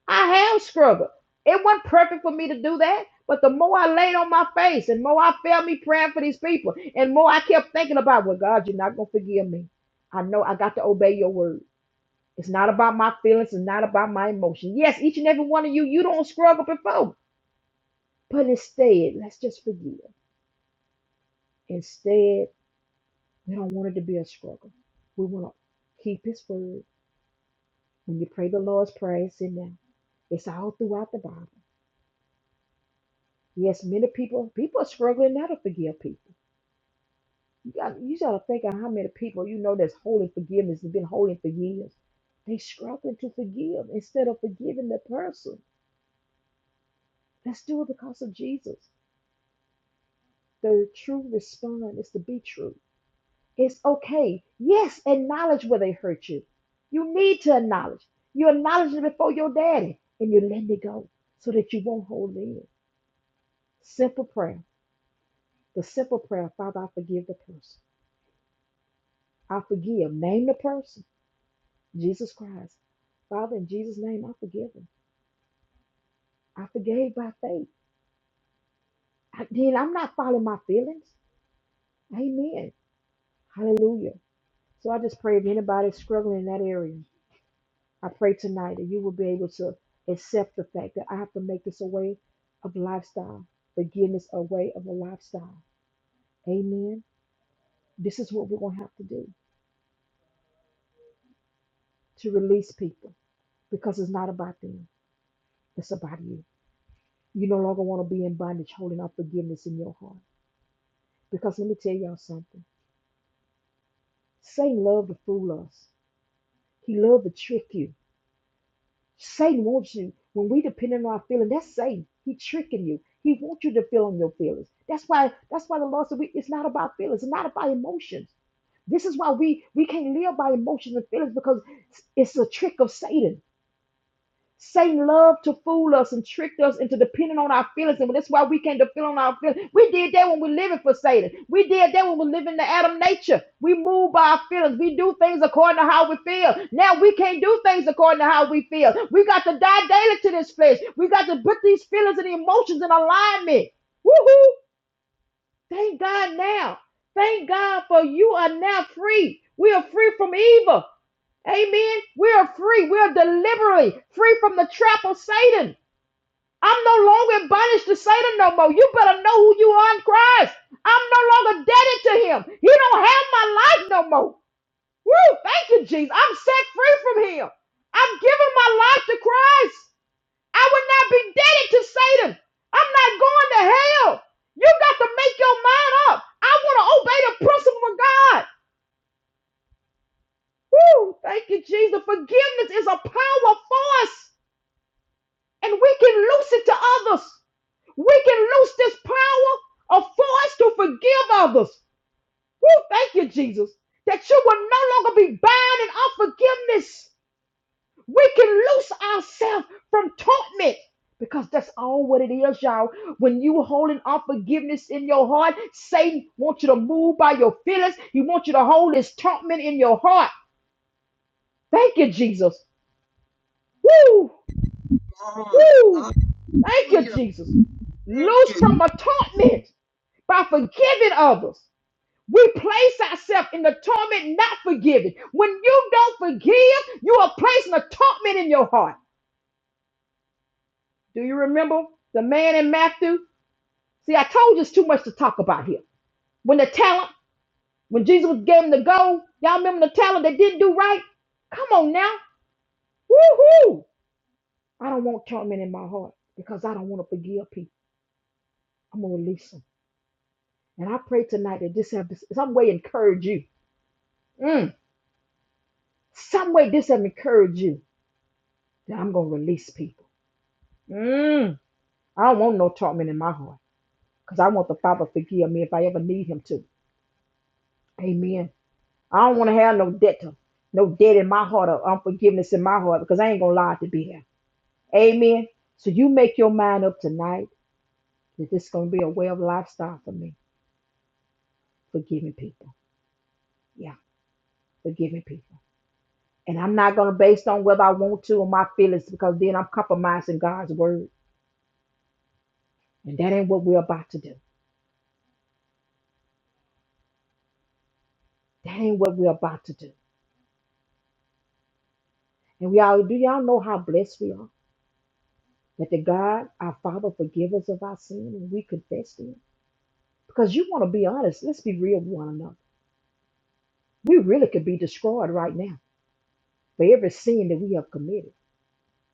I have struggled. It wasn't perfect for me to do that, but the more I laid on my face, and more I felt me praying for these people, and more I kept thinking about, well, God, you're not gonna forgive me. I know I got to obey your word. It's not about my feelings. It's not about my emotion. Yes, each and every one of you, you don't struggle before, but instead, let's just forgive. Instead. We don't want it to be a struggle. We want to keep His word. When you pray the Lord's Prayer, it's in there. It's all throughout the Bible. Yes, many people people are struggling now to forgive people. You got you got to think of how many people you know that's holding forgiveness has been holding for years. They struggling to forgive instead of forgiving the person. Let's do it because of Jesus. The true response is to be true. It's okay. Yes, acknowledge where they hurt you. You need to acknowledge. You acknowledge it before your daddy and you let it go so that you won't hold it in. Simple prayer. The simple prayer, Father, I forgive the person. I forgive. Name the person. Jesus Christ. Father, in Jesus' name, I forgive him. I forgave by faith. I did. I'm not following my feelings. Amen. Hallelujah. So I just pray if anybody's struggling in that area. I pray tonight that you will be able to accept the fact that I have to make this a way of lifestyle. Forgiveness a way of a lifestyle. Amen. This is what we're going to have to do to release people because it's not about them, it's about you. You no longer want to be in bondage holding unforgiveness in your heart. Because let me tell y'all something Satan loved to fool us, he loved to trick you. Satan wants you when we depend on our feelings. That's Satan. He's tricking you. He wants you to feel on your feelings. That's why. That's why the Lord said we, it's not about feelings. It's not about emotions. This is why we we can't live by emotions and feelings because it's a trick of Satan. Satan loved to fool us and trick us into depending on our feelings, and that's why we can't depend on our feelings. We did that when we're living for Satan. We did that when we're living the Adam nature. We move by our feelings. We do things according to how we feel. Now we can't do things according to how we feel. We got to die daily to this flesh. We got to put these feelings and emotions in alignment. Woohoo! Thank God now. Thank God for you are now free. We are free from evil. Amen. We are free. We are deliberately free from the trap of Satan. I'm no longer in bondage to Satan no more. You better know who you are in Christ. I'm no longer indebted to him. He don't have my life no more. Woo! Thank you, Jesus. I'm set free from him. I've given my life to Christ. I would not be indebted to Satan. I'm not going to hell. You got to make your mind up. I want to obey the principle of God. Woo! Thank you, Jesus. Forgiveness is a power force. and we can loose it to others. We can loose this power of force to forgive others. Woo, thank you, Jesus, that you will no longer be bound in unforgiveness. We can loose ourselves from torment because that's all what it is, y'all. When you holding unforgiveness in your heart, Satan wants you to move by your feelings. He wants you to hold his torment in your heart. Thank you, Jesus. Woo, Come woo. Thank you, Hallelujah. Jesus. Thank Loose you. from a torment. by forgiving others. We place ourselves in the torment not forgiving. When you don't forgive, you are placing a torment in your heart. Do you remember the man in Matthew? See, I told you it's too much to talk about here. When the talent, when Jesus gave him the gold, y'all remember the talent that didn't do right? Come on now. Woo-hoo. I don't want torment in my heart because I don't want to forgive people. I'm going to release them. And I pray tonight that this have some way encourage you. Mm, some way this have encouraged you Now I'm going to release people. Mm, I don't want no torment in my heart because I want the Father to forgive me if I ever need Him to. Amen. I don't want to have no debt to, no debt in my heart or unforgiveness in my heart because I ain't going to lie to be here. Amen. So you make your mind up tonight that this is going to be a way of lifestyle for me, forgiving people. Yeah, forgiving people. And I'm not going to based on whether I want to or my feelings because then I'm compromising God's word. And that ain't what we're about to do. That ain't what we're about to do. And we all do y'all know how blessed we are that the God, our Father, forgive us of our sin and we confess them. Because you want to be honest, let's be real with one another. We really could be destroyed right now for every sin that we have committed.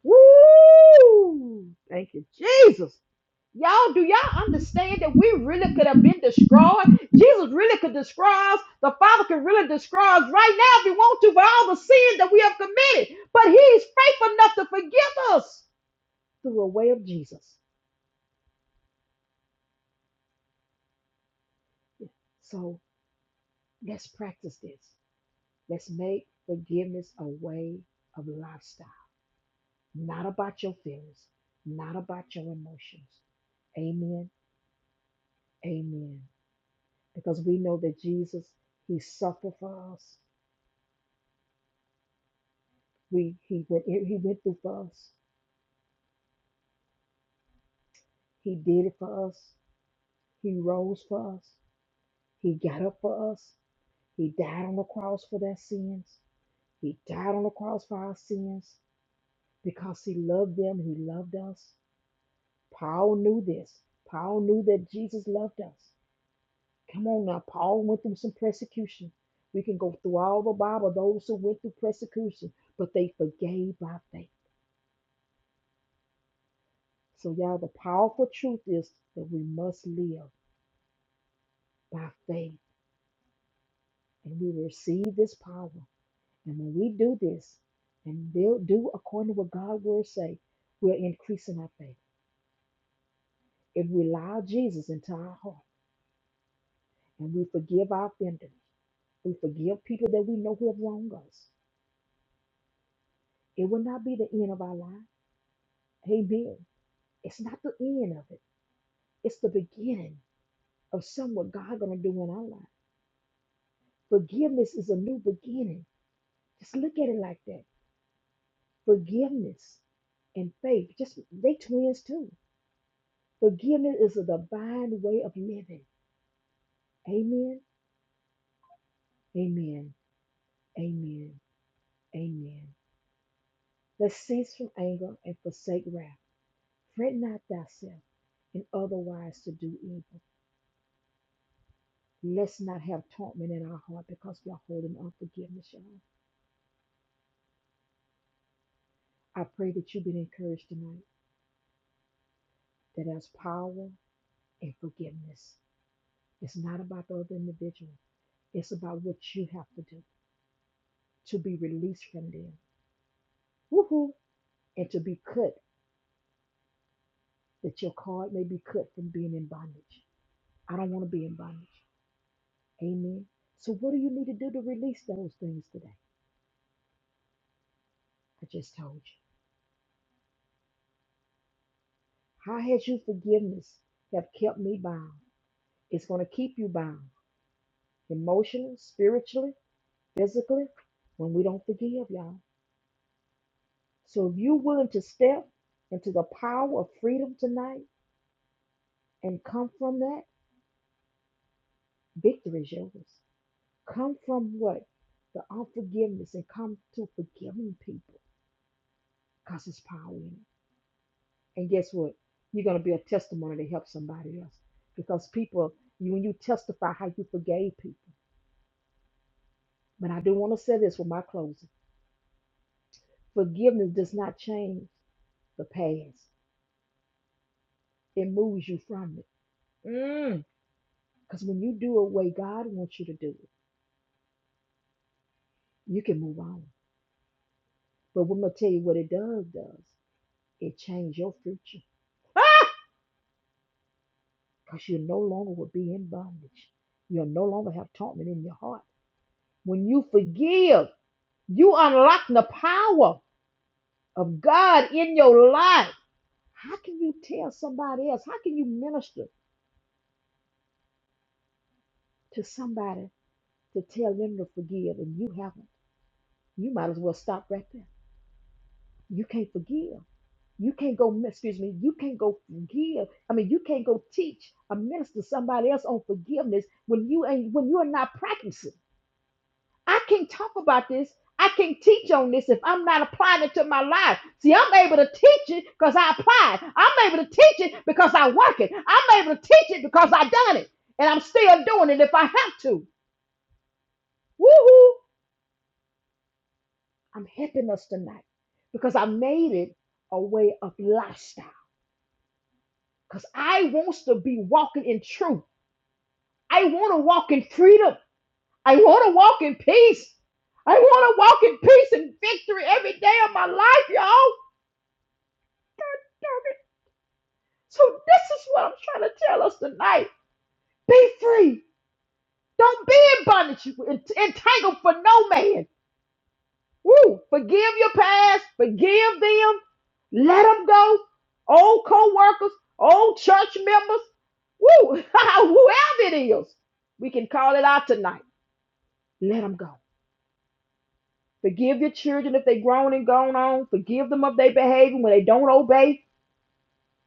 Woo! Thank you, Jesus. Y'all, do y'all understand that we really could have been destroyed? Jesus really could destroy us. The Father could really destroy us right now if He want to for all the sin that we have committed. But He's faithful enough to forgive us through a way of Jesus. So let's practice this. Let's make forgiveness a way of lifestyle, not about your feelings, not about your emotions. Amen. Amen. Because we know that Jesus, He suffered for us. We He went He went through for us. He did it for us. He rose for us. He got up for us. He died on the cross for their sins. He died on the cross for our sins because He loved them. He loved us. Paul knew this. Paul knew that Jesus loved us. Come on now, Paul went through some persecution. We can go through all the Bible, those who went through persecution, but they forgave by faith. So, y'all, the powerful truth is that we must live by faith and we receive this power. And when we do this and they'll do according to what God's word say, we're increasing our faith. If we allow Jesus into our heart and we forgive our offenders, we forgive people that we know who have wronged us. It will not be the end of our life. Amen. It's not the end of it. It's the beginning of some what God gonna do in our life. Forgiveness is a new beginning. Just look at it like that. Forgiveness and faith, just they twins too. Forgiveness is a divine way of living. Amen. Amen. Amen. Amen. Let's cease from anger and forsake wrath. Fret not thyself, and otherwise to do evil. Let's not have torment in our heart because we are holding unforgiveness, y'all. I pray that you've been encouraged tonight that there's power in forgiveness. It's not about the other individual. It's about what you have to do to be released from them. Woohoo! And to be cut, that your card may be cut from being in bondage. I don't want to be in bondage. Amen. So what do you need to do to release those things today? I just told you. How has your forgiveness have kept me bound? It's going to keep you bound. emotionally, spiritually, physically, when we don't forgive, y'all. So if you're willing to step into the power of freedom tonight and come from that, victory is yours. Come from what? The unforgiveness and come to forgiving people because it's power in it. And guess what? You're going to be a testimony to help somebody else because people, you, when you testify how you forgave people. But I do want to say this with my closing forgiveness does not change the past, it moves you from it. Mm. Because when you do it way God wants you to do it, you can move on. But I'm gonna tell you what it does does. It changes your future because you no longer will be in bondage. You'll no longer have torment in your heart. When you forgive, you unlock the power of God in your life. How can you tell somebody else? How can you minister to somebody to tell them to forgive and you haven't? You might as well stop right there. You can't forgive. You can't go, excuse me, you can't go forgive. I mean, you can't go teach a minister somebody else on forgiveness when you ain't when you are not practicing. I can't talk about this. I can't teach on this if I'm not applying it to my life. See, I'm able to teach it because I applied. I'm able to teach it because I work it. I'm able to teach it because I done it. And I'm still doing it if I have to. Woohoo! I'm helping us tonight because I made it a way of lifestyle. Because I wants to be walking in truth. I want to walk in freedom. I want to walk in peace. I want to walk in peace and victory every day of my life, y'all. So this is what I'm trying to tell us tonight. Be free. Don't be in bondage, You entangled for no man. Woo! Forgive your past. Forgive them. Let them go. Old co-workers, old church members, woo, whoever it is, we can call it out tonight. Let them go. Forgive your children if they grown and gone on. Forgive them of their behavior when they don't obey.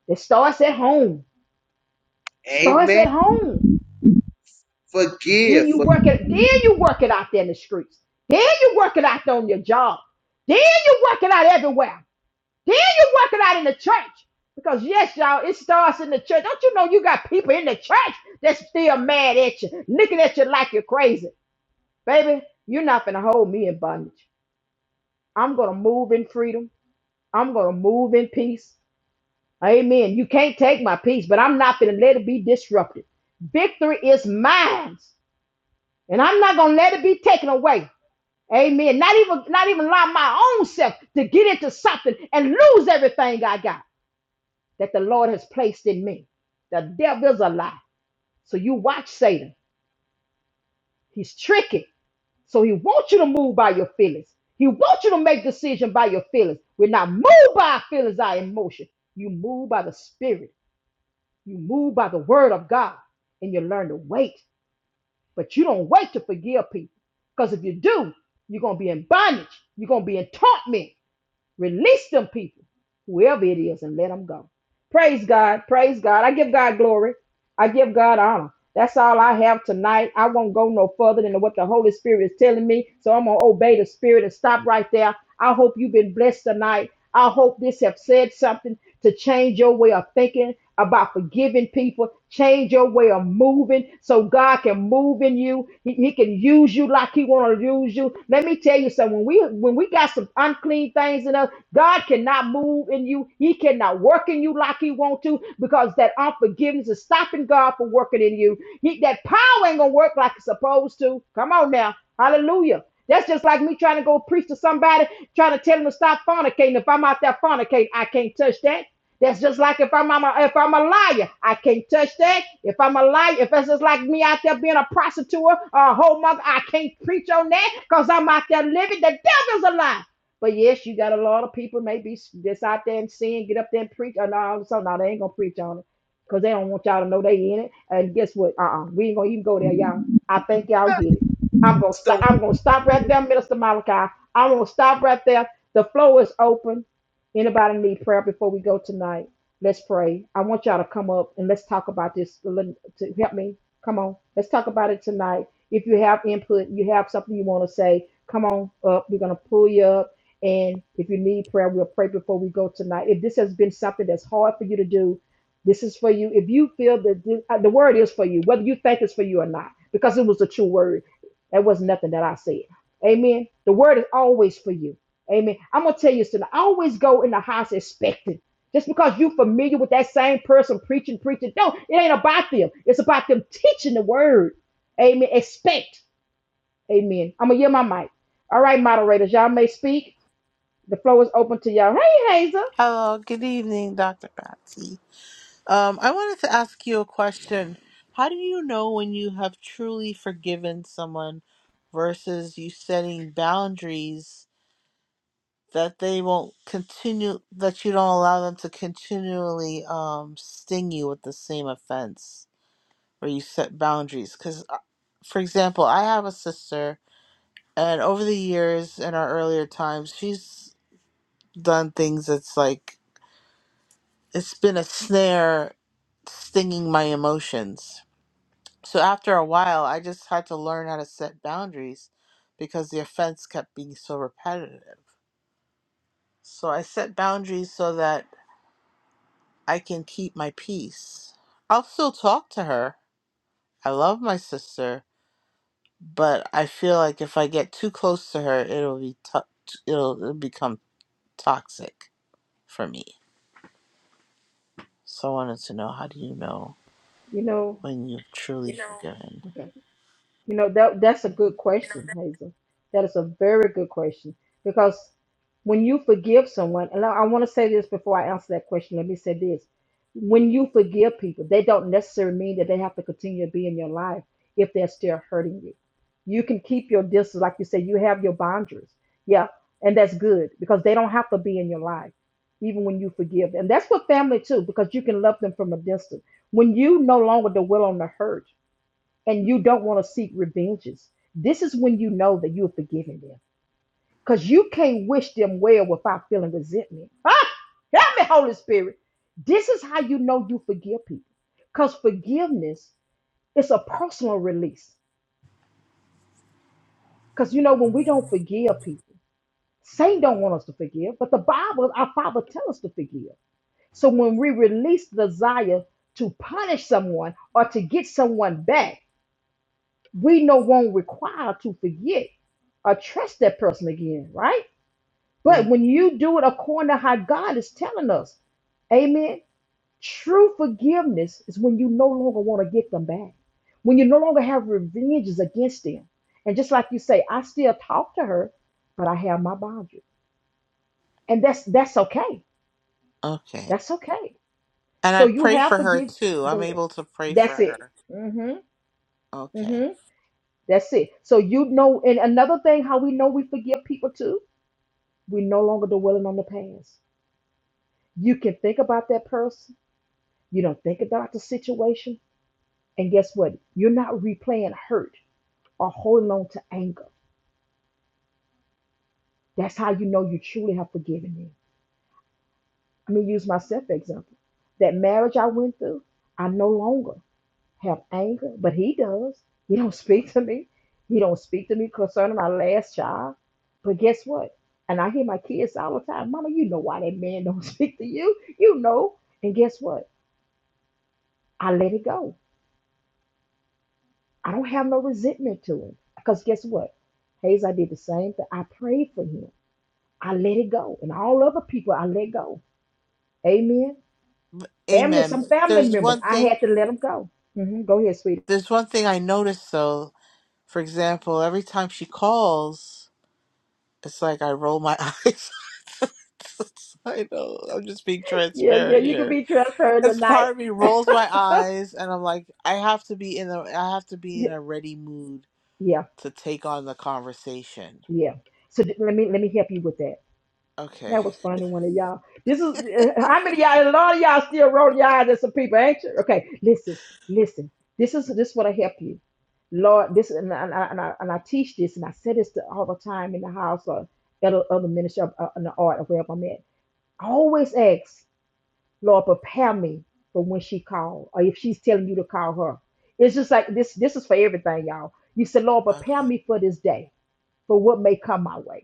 It starts at home. It Starts Amen. at home. Then Forgive. you Forgive. work it. Then you work it out there in the streets. Then you work it out on your job. Then you work it out everywhere. Then you work it out in the church. Because yes, y'all, it starts in the church. Don't you know you got people in the church that's still mad at you, looking at you like you're crazy, baby? You're not gonna hold me in bondage. I'm gonna move in freedom. I'm gonna move in peace. Amen. You can't take my peace, but I'm not going to let it be disrupted. Victory is mine, and I'm not going to let it be taken away. Amen. Not even not even allow my own self to get into something and lose everything I got that the Lord has placed in me. The devil's a lie. So you watch Satan. He's tricky. So he wants you to move by your feelings. He wants you to make decisions by your feelings. We're not moved by our feelings, our emotion. You move by the spirit. You move by the word of God and you learn to wait. But you don't wait to forgive people. Because if you do, you're going to be in bondage. You're going to be in torment. Release them people, whoever it is, and let them go. Praise God. Praise God. I give God glory. I give God honor. That's all I have tonight. I won't go no further than what the Holy Spirit is telling me. So I'm going to obey the Spirit and stop right there. I hope you've been blessed tonight. I hope this have said something to change your way of thinking about forgiving people. Change your way of moving so God can move in you. He, he can use you like He want to use you. Let me tell you something. When we when we got some unclean things in us, God cannot move in you. He cannot work in you like He want to because that unforgiveness is stopping God from working in you. He, that power ain't gonna work like it's supposed to. Come on now, Hallelujah. That's just like me trying to go preach to somebody, trying to tell them to stop fornicating. If I'm out there fornicating, I can't touch that. That's just like if I'm, I'm a, if I'm a liar, I can't touch that. If I'm a liar, if it's just like me out there being a prostitute or a whole mother, I can't preach on that because I'm out there living. The devil's a lie. But yes, you got a lot of people maybe that's out there and sin, get up there and preach. Oh, no, so no, they ain't gonna preach on it because they don't want y'all to know they in it. And guess what? Uh-uh, we ain't gonna even go there, y'all. I think y'all get it. I'm gonna stop. So, I'm gonna stop right there, Minister Malachi. I'm gonna stop right there. The floor is open. Anybody need prayer before we go tonight? Let's pray. I want y'all to come up and let's talk about this. Lin- To help me, come on. Let's talk about it tonight. If you have input, you have something you want to say, come on up. We're gonna pull you up. And if you need prayer, we'll pray before we go tonight. If this has been something that's hard for you to do, this is for you. If you feel that this, uh, the word is for you, whether you think it's for you or not, because it was a true word. That was nothing that I said. Amen. The word is always for you. Amen. I'm gonna tell you something. I always go in the house expecting. Just because you are familiar with that same person preaching, preaching. No, it ain't about them. It's about them teaching the word. Amen. Expect. Amen. I'm gonna yell my mic. All right, moderators, y'all may speak. The floor is open to y'all. Hey, Hazel. Hello, good evening, Dr. Patsy. Um, I wanted to ask you a question. How do you know when you have truly forgiven someone versus you setting boundaries that they won't continue, that you don't allow them to continually um, sting you with the same offense, or you set boundaries? Because, for example, I have a sister, and over the years in our earlier times, she's done things that's like it's been a snare stinging my emotions. So after a while, I just had to learn how to set boundaries because the offense kept being so repetitive. So I set boundaries so that I can keep my peace. I'll still talk to her. I love my sister, but I feel like if I get too close to her, it'll be to- it'll, it'll become toxic for me. So I wanted to know how do you know You know. when you've truly You know- forgiven? Okay. You know, that that's a good question, Hazel. That is a very good question because when you forgive someone, and I, I want to say this before I answer that question, let me say this. When you forgive people, they don't necessarily mean that they have to continue to be in your life if they're still hurting you. You can keep your distance, like you say, you have your boundaries. Yeah, and that's good because they don't have to be in your life, even when you forgive them. And That's what family too, because you can love them from a distance. When you no longer dwell on the hurt, and you don't want to seek revenges, this is when you know that you have forgiven them. Because you can't wish them well without feeling resentment. Ah, help me, Holy Spirit. This is how you know you forgive people. Because forgiveness is a personal release. Because you know, when we don't forgive people, Satan don't want us to forgive, but the Bible, our Father tells us to forgive. So when we release the desire to punish someone or to get someone back, we no longer not require to forget or trust that person again, right? But Mm, when you do it according to how God is telling us, amen, true forgiveness is when you no longer want to get them back, when you no longer have revenges against them. And just like you say, I still talk to her, but I have my boundaries. And that's that's okay. okay. That's okay. And I So you pray have for her forgive too. I'm go ahead. able to pray for That's it. her. Mm-hmm. Okay. Mm-hmm. That's it. So you know, and another thing, how we know we forgive people too We no longer dwelling on the past. You can think about that person. You don't think about the situation. And guess what? You're not replaying hurt or holding on to anger. That's how you know you truly have forgiven them. I mean, use myself for example. That marriage I went through, I no longer have anger, but he does. He don't speak to me. He don't speak to me concerning my last child. But guess what? And I hear my kids all the time, Mama, you know why that man don't speak to you. You know. And guess what? I let it go. I don't have no resentment to him. Because guess what? Hayes, I did the same thing. I prayed for him. I let it go. And all other people, I let go. Amen. Family, Amen. some But family There's members, one I thing had to let them go. hmm Go ahead, sweetie. there's one thing I noticed though. For example, every time she calls, it's like I roll my eyes. I know. I'm just being Yeah, yeah, transparent you can here. be transparent As tonight. part of me rolls my eyes and I'm like, I have to be in a I have to be yeah, in a ready mood yeah. to take on the conversation. yeah. So th- let me let me help you with that. Okay. That was funny, one of y'all. This is uh, how many of y'all. A lot of y'all still roll your eyes at some people, ain't you? Okay, listen, listen. This is this what I help you, Lord. This and I, and I, and I and I teach this, and I say this to all the time in the house or at a- other ministry of, uh, in the art or wherever I'm at. I always ask, Lord, prepare me for when she call or if she's telling you to call her. It's just like this. This is for everything, y'all. You said, Lord, Okay. prepare me for this day, for what may come my way.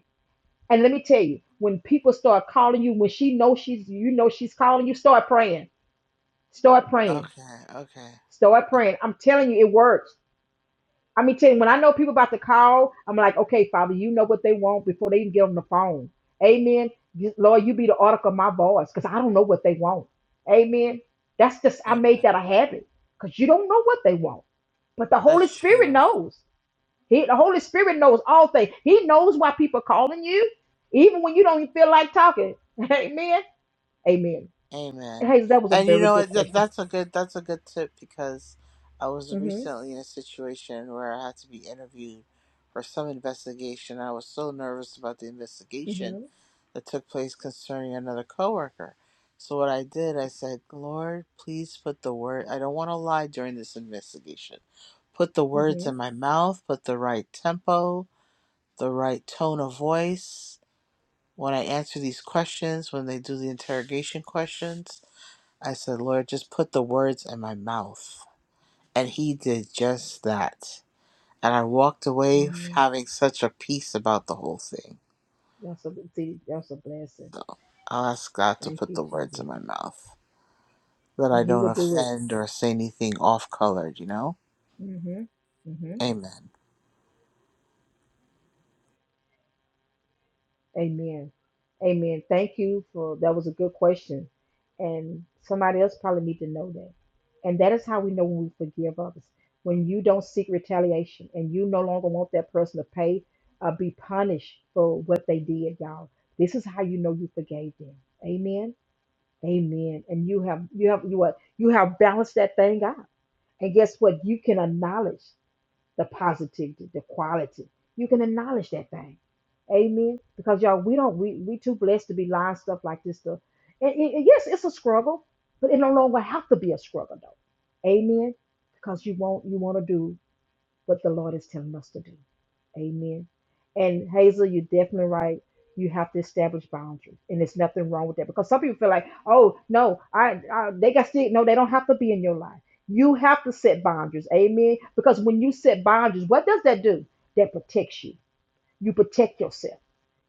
And let me tell you, when people start calling you, when she knows she's, you know, she's calling you, start praying, start praying, Okay. Okay. start praying. I'm telling you, it works. I mean, tell you, when I know people about to call, I'm like, okay, Father, you know what they want before they even get on the phone. Amen. You- Lord, you be the article of my voice because I don't know what they want. Amen. That's just, I Mm, made that a habit because you don't know what they want, but the Holy That's Spirit true. knows. He, the Holy Spirit knows all things. He knows why people are calling you, even when you don't feel like talking. Amen. Amen. Amen. Hey, that was a And you very know good what? That, question. that's a good that's a good tip because I was hmm recently in a situation where I had to be interviewed for some investigation. I was so nervous about the investigation hmm that took place concerning another coworker. So what I did, I said, "Lord, please put the word. I don't want to lie during this investigation. Put the words hmm in my mouth. Put the right tempo, the right tone of voice." When I answer these questions, when they do the interrogation questions, I said, Lord, just put the words in my mouth. And he did just that. And I walked away hmm having such a peace about the whole thing. That's a see, that's a blessing. So I'll ask God to Thank put you, the words Jesus. in my mouth that And I He don't will do it. offend or say anything off colored, you know? hmm hmm Amen. Amen. Amen. Thank you for that was a good question. And somebody else probably need to know that. And that is how we know when we forgive others. When you don't seek retaliation and you no longer want that person to pay or be punished for what they did, y'all. This is how you know you forgave them. Amen. Amen. And you have you have you what you have balanced that thing out. And guess what? You can acknowledge the positivity, the quality. You can acknowledge that thing. Amen. Because y'all, we don't we we too blessed to be lying stuff like this stuff. And, and- and yes, it's a struggle, but it no longer have to be a struggle though. Amen. Because you won't you want to do what the Lord is telling us to do. Amen. And Hazel, you're definitely right. You have to establish boundaries, and there's nothing wrong with that because some people feel like, oh no, I, I they got still no, they don't have to be in your life. You have to set boundaries, amen. Because when you set boundaries, what does that do? That protects you. You protect yourself.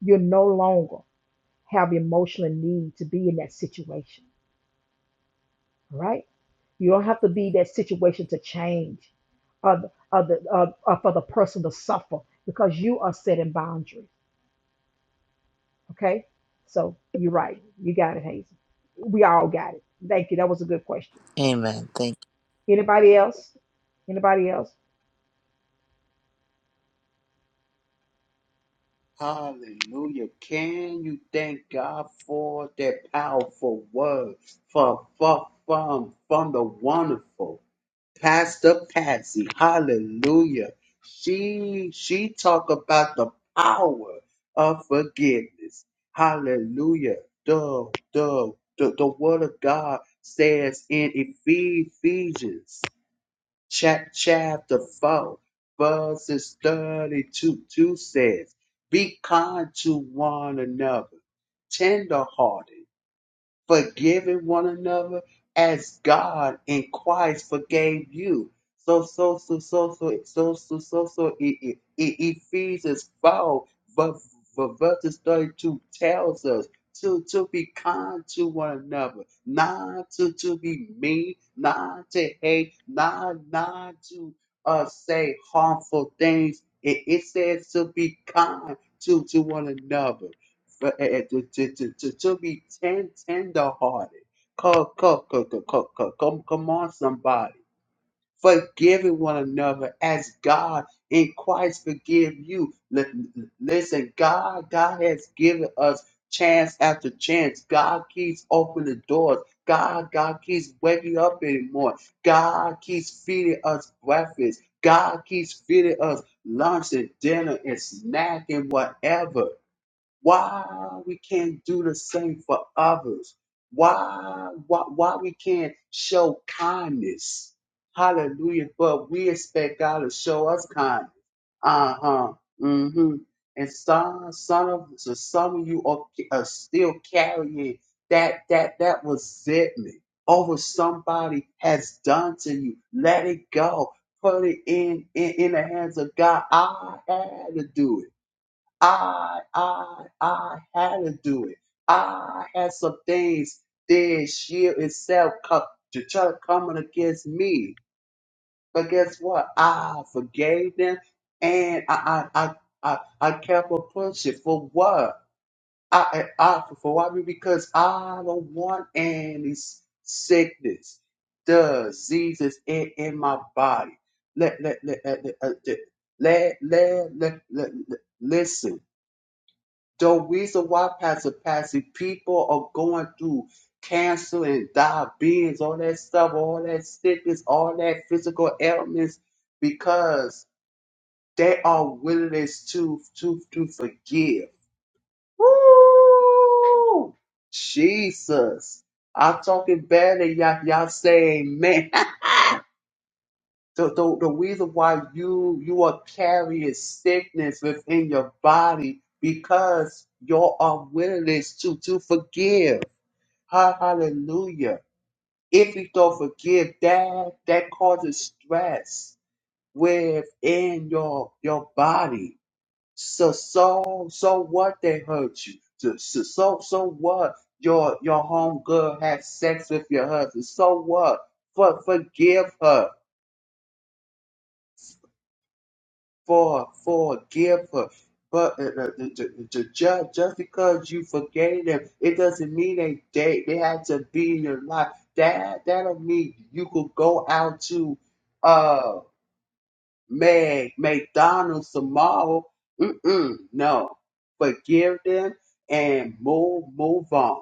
You no longer have emotional need to be in that situation right? You don't have to be that situation to change or, the- or, the, or, or for the person to suffer because you are setting boundaries, okay? So you're right. You got it, Hazel. We all got it. Thank you. That was a good question. Amen. Thank. Anybody else? Anybody else? hallelujah. Can you thank God for that powerful word from, from, from, from the wonderful? Pastor Patsy, hallelujah. She she talk about the power of forgiveness. Hallelujah. The the the, the word of God says in Ephesians chap, chapter 4 verses 32 2 says, Be kind to one another, tenderhearted forgiving one another as God in Christ forgave you. So so so so so so so so so E- E- E- Ephesians four ver- ver- verses thirty two tells us to to be kind to one another, not to to be mean, not to hate, not not to uh say harmful things. It, it says to be kind to to one another but, eh, eh, to, to, to, to, to be ten, tender-hearted. Come, come, come, come, come, come, come come on, somebody. Forgiving one another as God in Christ forgive you. Li- li- Listen, God, God has given us chance after chance. God keeps opening doors. God, God keeps waking up anymore. God keeps feeding us breakfast. God keeps feeding us lunch and dinner and snack and whatever why we can't do the same for others why why, why we can't show kindness hallelujah but we expect god to show us kindness uh-huh mm-hmm and some some of so some of you are, are still carrying that that that resentment over somebody has done to you let it go put it in in, in the hands of god i had to do it I, I, I had to do it. I had some things that shield itself come, to try to come against me. But guess what? I forgave them and I I I I, I kept on pushing for what? I I, I for why because I don't want any s- sickness, diseases in, in my body. Let let let let let uh, let let, let, let, let listen. The reason why Pastor Patsy people are going through cancer and diabetes, all that stuff, all that sickness, all that physical ailments, because they are willingness to to to forgive. Woo! Jesus. I'm talking better, y'all, y'all say amen. The, the, the reason why you you are carrying sickness within your body because your unwillingness to to forgive. Ha- Hallelujah. If you don't forgive, that that causes stress within your your body. So so so what they hurt you. So so so so what your your homegirl had sex with your husband. So what? For forgive her for forgive her. But uh, uh, ju- ju- ju- ju- just because you forgave them, it doesn't mean they they, they had to be in your life. That that don't mean you could go out to uh Mag McDonald's tomorrow. Mm-mm, no, forgive them and move move on.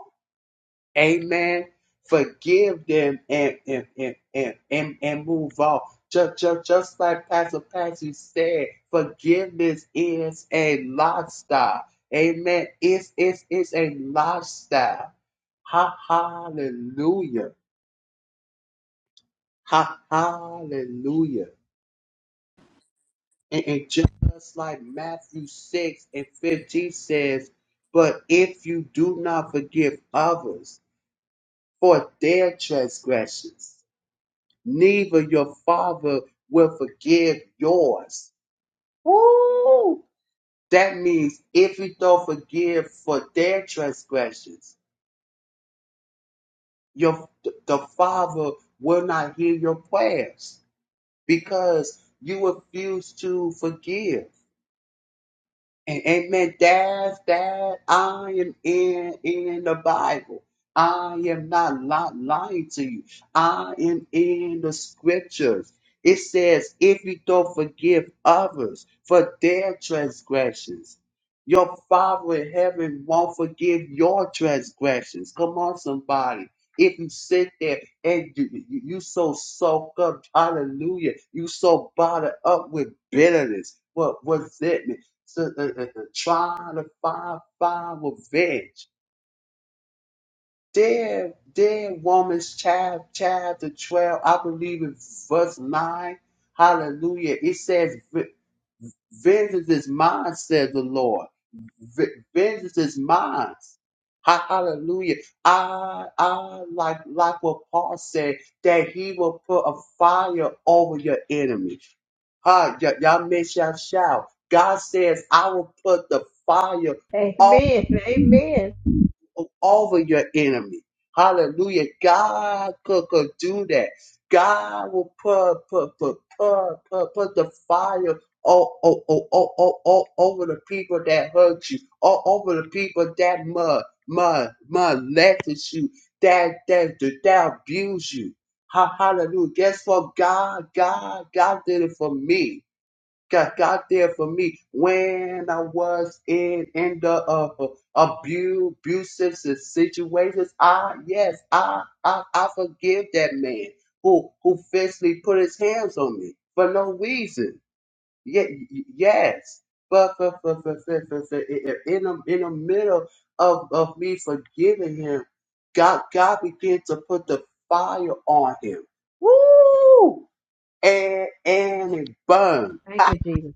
Amen. Forgive them and and and and, and, and move on. Just, just, just like Pastor Patsy said, forgiveness is a lifestyle. Amen. It's it's it's a lifestyle. Ha hallelujah. Ha hallelujah. And, and just like Matthew 6 and 15 says, but if you do not forgive others for their transgressions, neither your father will forgive yours. Woo! That means if you don't forgive for their transgressions, your the father will not hear your prayers because you refuse to forgive. And amen. That's that. I am in in the Bible. I am not li- lying to you. I am in the scriptures. It says, if you don't forgive others for their transgressions, your Father in heaven won't forgive your transgressions. Come on, somebody. If you sit there and you, you you so soaked up, hallelujah, you so bottled up with bitterness, what resentment to, uh, uh, uh, trying to find find revenge. There, there, in Romans chap, chapter 12, I believe it's verse 9. Hallelujah. It says, "Ve- Vengeance is mine, says the Lord v- vengeance is mine. Ha- Hallelujah. I, I like, like what Paul said, that he will put a fire over your enemy. Huh? y- y'all miss y'all shout. God says, I will put the fire Amen. Amen. over your enemy. Hallelujah. God could, could do that. God will put, put, put, put, put, put the fire all, all, all, all, all, all over the people that hurt you, all over the people that mud, mud, mud left you, that, that, that abuse you. Ha- Hallelujah. Guess what? God, God, God did it for me. God, God there for me when I was in in the uh, abu- abusive si- situations. I yes, I, I I forgive that man who who physically put his hands on me for no reason. Yeah, yes, but for, for, for, for, for, for, in the in the middle of of me forgiving him, God God began to put the fire on him. Woo! And and it burned Thank you, Jesus.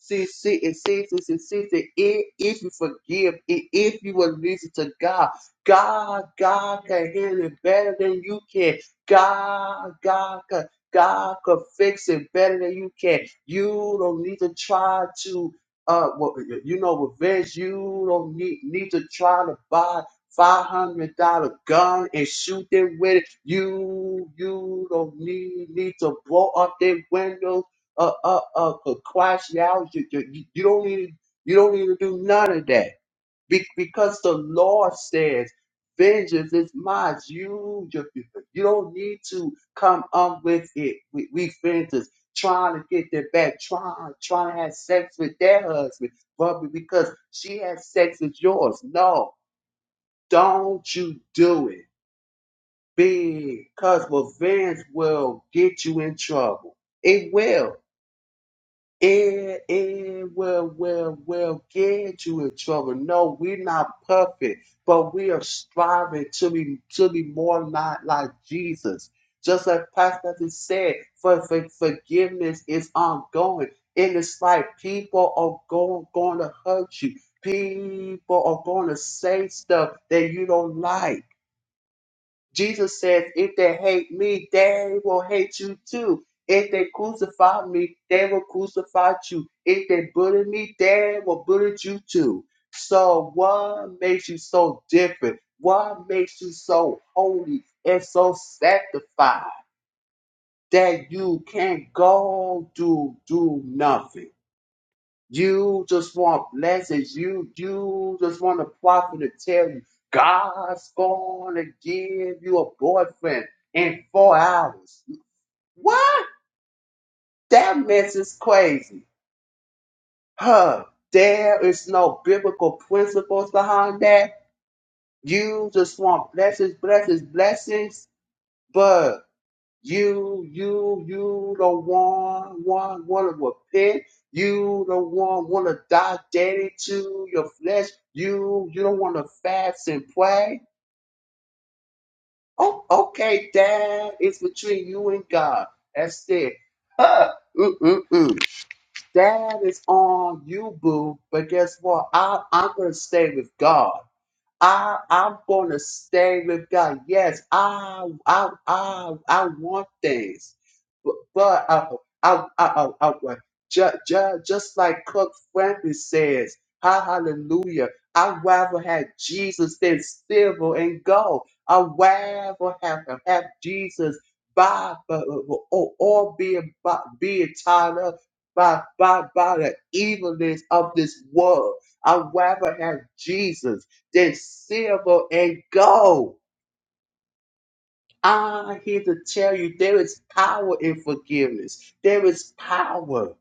See, see, it says this, it says that if, if you forgive, i- if you will listen to God, God, God can heal it better than you can. God, God can, God can fix it better than you can. You don't need to try to, uh, what- you know, revenge. You don't need, need to try to buy five hundred dollar gun and shoot them with it. You, you don't need, need to blow up their windows uh uh uh could crash you out. You, you, you don't need you don't need to do none of that. Be- because the law says vengeance is mine. You, you you you don't need to come up with it. We, we vengeance trying to get their back, trying trying to have sex with their husband, but because she had sex with yours. No, don't you do it. Because revenge will get you in trouble. It will. It, it will, will, will get you in trouble. No, we're not perfect, but we are striving to be, to be more like, like Jesus. Just like Pastor has said, for, for forgiveness is ongoing. And it's like people are going, going to hurt you. People are going to say stuff that you don't like. Jesus says, if they hate me, they will hate you too. If they crucify me, they will crucify you. If they bully me, they will bully you too. So what makes you so different? What makes you so holy and so sanctified that you can't go do do nothing? You just want blessings. You you just want the prophet to tell you God's gonna give you a boyfriend in four hours. What? That mess is crazy. Huh. There is no biblical principles behind that. You just want blessings, blessings, blessings. but. You, you, you the one, one wanna repent. You the one wanna die daily to your flesh. You, you don't wanna fast and pray. Oh, okay, Dad. It's between you and God. That's it. Huh. Mm-mm-mm. Dad is on you, boo. But guess what? I, I'm gonna stay with God. I I'm gonna stay with God. Yes, I I I I want things, but, but I I I I, I just, just like Cook Franklin says, ha hallelujah. I'd rather have Jesus than silver and gold. I'd rather have have Jesus by but- or, or being by, being tied up by by by the evilness of this world. I'd rather have Jesus than silver and gold. I'm here to tell you there is power in forgiveness. There is power.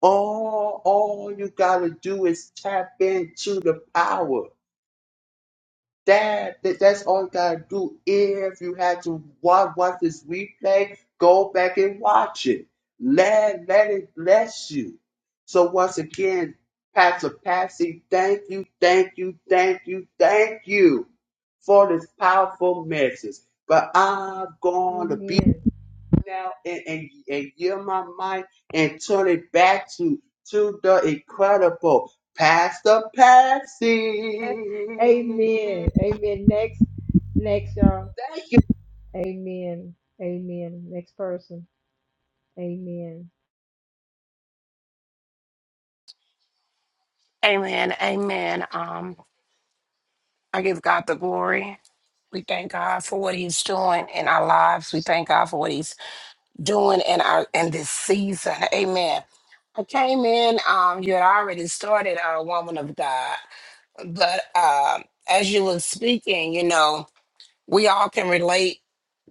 All, all you got to do is tap into the power. That, that that's all you gotta do. If you had to watch, watch this replay, go back and watch it. Let let it bless you. So once again, Pastor Patsy, thank you, thank you, thank you, thank you for this powerful message. But I'm going to be Amen. now and, and, and yield my mind and turn it back to to the incredible Pastor Patsy. Amen. Amen. Next, next, y'all. Amen. Amen. Next person. Amen. Amen. Amen. Um, I give God the glory. We thank God for what He's doing in our lives. We thank God for what He's doing in our in this season. Amen. I came in. Um, you had already started a woman of God, but um, as you were speaking, you know we all can relate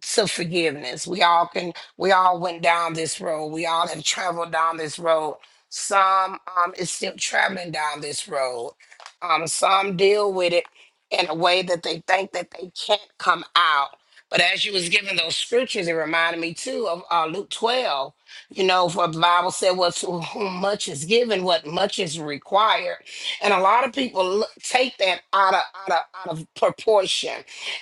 to forgiveness. We all can, we all went down this road. We all have traveled down this road. Some um, is still traveling down this road. Um, some deal with it in a way that they think that they can't come out. But as you was giving those scriptures, it reminded me too of uh, Luke 12, you know, for the Bible said, well, to whom much is given, what much is required. And a lot of people look, take that out of, out of, out of proportion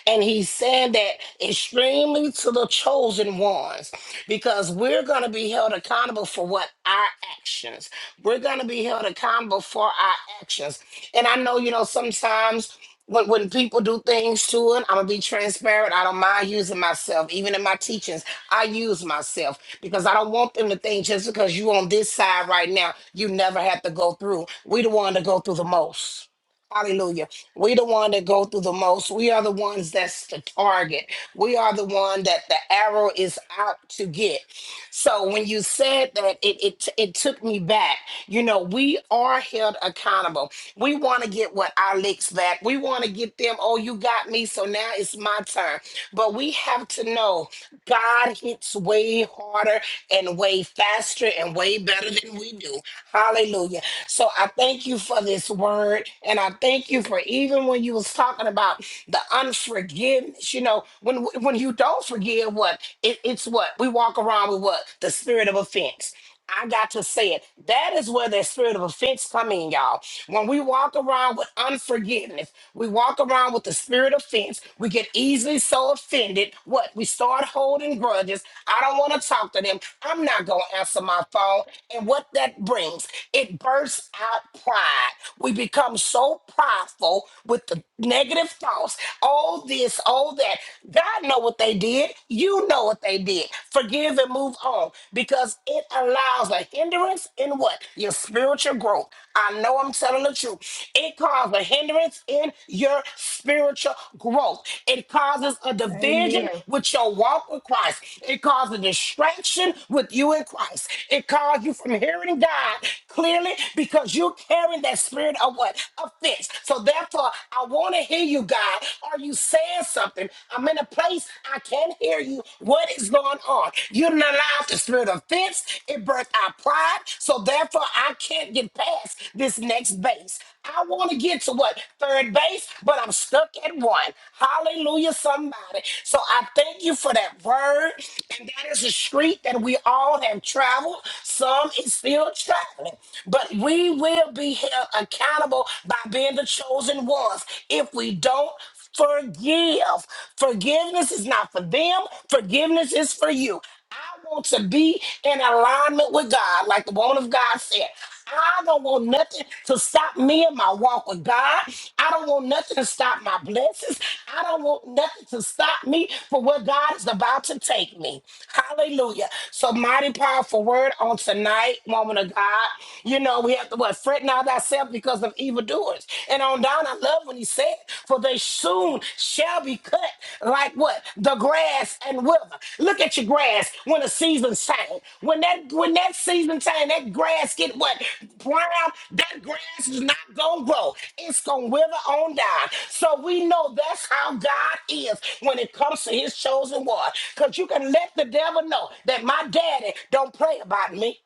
and he's saying that extremely to the chosen ones, because we're going to be held accountable for what our actions. We're going to be held accountable for our actions. And I know, you know, sometimes when, when people do things to it, I'm going to be transparent. I don't mind using myself. Even in my teachings, I use myself because I don't want them to think just because you on this side right now, you never have to go through. We the one to go through the most. Hallelujah. We the one that go through the most. We are the ones that's the target. We are the one that the arrow is out to get. So when you said that, it it it took me back. You know, we are held accountable. We want to get what our licks back. We want to get them, oh, you got me, so now it's my turn. But we have to know God hits way harder and way faster and way better than we do. Hallelujah. So I thank you for this word. And I thank you for even when you was talking about the unforgiveness, you know, when when you don't forgive what? It, it's what? We walk around with what? The spirit of offense. I got to say it. That is where that spirit of offense come in, y'all. When we walk around with unforgiveness, we walk around with the spirit of offense. We get easily so offended. What? We start holding grudges. I don't want to talk to them. I'm not going to answer my phone. And what that brings, it bursts out pride. We become so prideful with the negative thoughts. All this, all that. God know what they did. You know what they did did. Forgive and move on because it allows a hindrance in what? Your spiritual growth. I know I'm telling the truth. It causes a hindrance in your spiritual growth. It causes a division Amen. with your walk with Christ. It causes a distraction with you in Christ. It causes you from hearing God clearly because you're carrying that spirit of what? Offense. So therefore, I want to hear you, God. Are you saying something? hearing. I'm in a place I can't hear you. What is going on? You didn't allow the spirit of offense. It birthed our pride. So therefore, I can't get past this next base. I want to get to what? Third base, but I'm stuck at one. Hallelujah, somebody. So I thank you for that word. And that is a street that we all have traveled. Some is still traveling. But we will be held accountable by being the chosen ones if we don't Forgive. Forgiveness is not for them, forgiveness is for you. I want to be in alignment with God, like the woman of God said. I don't want nothing to stop me in my walk with God. I don't want nothing to stop my blessings. I don't want nothing to stop me for where God is about to take me. Hallelujah. So mighty powerful word on tonight, woman of God. You know, we have to what fret not thyself because of evildoers. And on down, I love when he said, For they soon shall be cut like what? The grass and wither. Look at your grass when the season's time. When that when that season time, that grass get what? Brown, that grass is not gonna grow. It's gonna wither on down. So we know that's how God is when it comes to his chosen one. Because you can let the devil know that my daddy don't pray about me.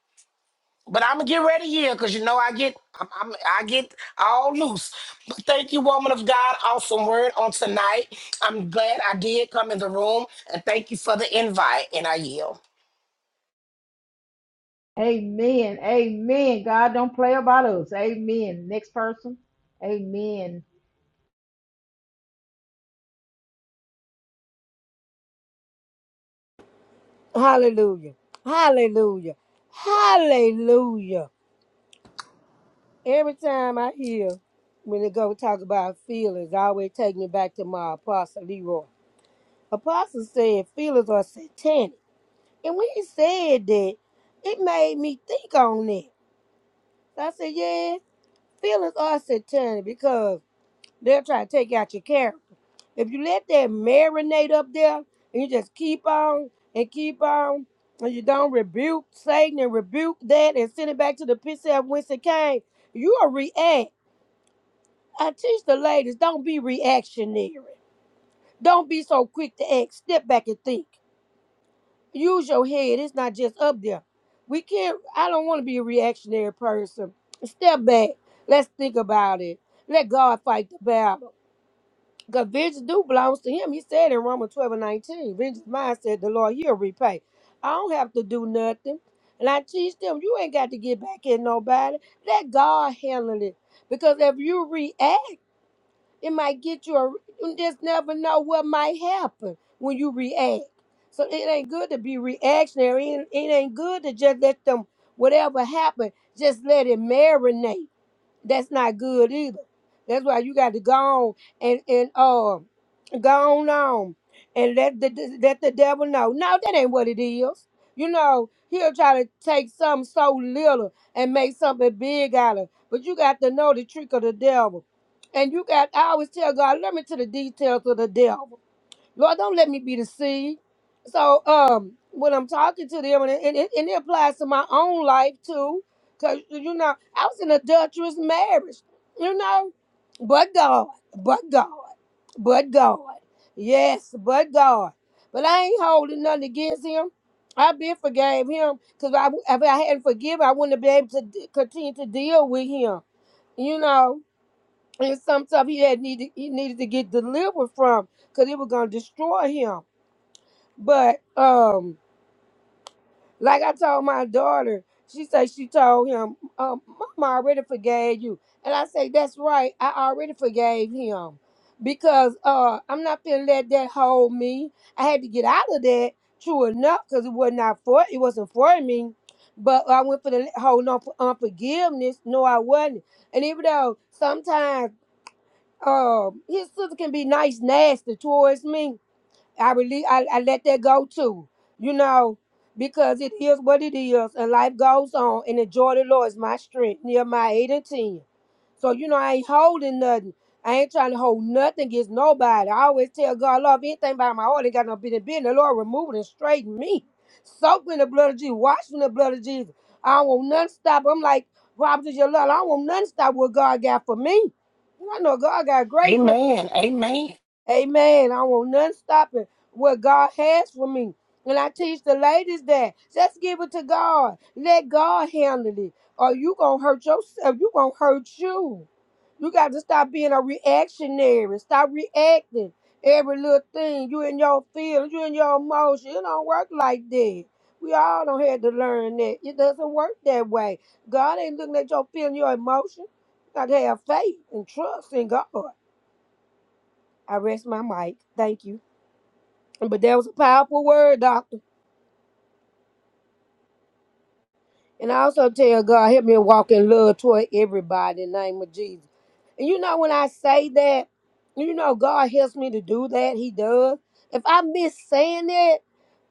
But I'm gonna get ready here because you know I get I'm, I'm I get all loose. But thank you, woman of God, awesome word on tonight. I'm glad I did come in the room, and thank you for the invite. And I yield. Amen. Amen. God don't play about us. Amen. Next person. Amen. Hallelujah. Hallelujah. Hallelujah. Every time I hear when they go talk about feelings, I always take me back to my apostle Leroy. Apostle said feelings are satanic. And when he said that, it made me think on that. I said, yeah, feelings are satanic because they'll try to take out your character. If you let that marinate up there and you just keep on and keep on and you don't rebuke Satan and rebuke that and send it back to the pit of whence it came, you'll react. I teach the ladies, don't be reactionary. Don't be so quick to act. Step back and think. Use your head. It's not just up there. We can't, I don't want to be a reactionary person. Step back. Let's think about it. Let God fight the battle. Because vengeance do belongs to him. He said in Romans 12 and 19, vengeance mine said the Lord, he'll repay. I don't have to do nothing. And I teach them, you ain't got to get back at nobody. Let God handle it. Because if you react, it might get you a you just never know what might happen when you react. So it ain't good to be reactionary. It, it ain't good to just let them whatever happen, just let it marinate. That's not good either. That's why you got to go on and and uh go on, on and let the let the devil know. No, that ain't what it is. You know, he'll try to take something so little and make something big out of it. But you got to know the trick of the devil. And you got I always tell God, let me to the details of the devil. Lord, don't let me be deceived. So, um, when I'm talking to them, and it, and it, and it applies to my own life too, because, you know, I was in adulterous marriage, you know, but God, but God, but God. Yes, but God. But I ain't holding nothing against him. I been forgave him because I, if I hadn't forgiven, I wouldn't have been able to d- continue to deal with him, you know. And some stuff he had needed, he needed to get delivered from because it was going to destroy him. But um, like I told my daughter, she said she told him, um, Mama already forgave you. And I say, That's right, I already forgave him. Because uh I'm not gonna let that hold me. I had to get out of that, true enough, because it was not for it wasn't for me. But I went for the hold on for unforgiveness. No, I wasn't. And even though sometimes um his sister can be nice, nasty towards me. I release. I, I let that go too. You know, because it is what it is, and life goes on. And the joy of the Lord is my strength. Nehemiah eight and ten. So you know, I ain't holding nothing. I ain't trying to hold nothing against nobody. I always tell God, Lord, if anything by my heart ain't got no business being, the Lord remove it and straighten me. Soak me in the blood of Jesus. Wash me in the blood of Jesus. I don't want nothing to stop. I'm like Robert is your love. I don't want nothing to stop what God got for me. I know God got a great plan. Amen. Amen. Amen. I want none stopping what God has for me. And I teach the ladies that just give it to God. Let God handle it. Or you gonna hurt yourself. You gonna hurt you. You got to stop being a reactionary. Stop reacting every little thing. You in your feelings. You in your emotion. It don't work like that. We all don't have to learn that. It doesn't work that way. God ain't looking at your feeling, your emotion. You got to have faith and trust in God. I rest my mic. Thank you. But that was a powerful word, doctor. And I also tell God, help me walk in love toward everybody in the name of Jesus. And you know, when I say that, you know, God helps me to do that. He does. If I miss saying that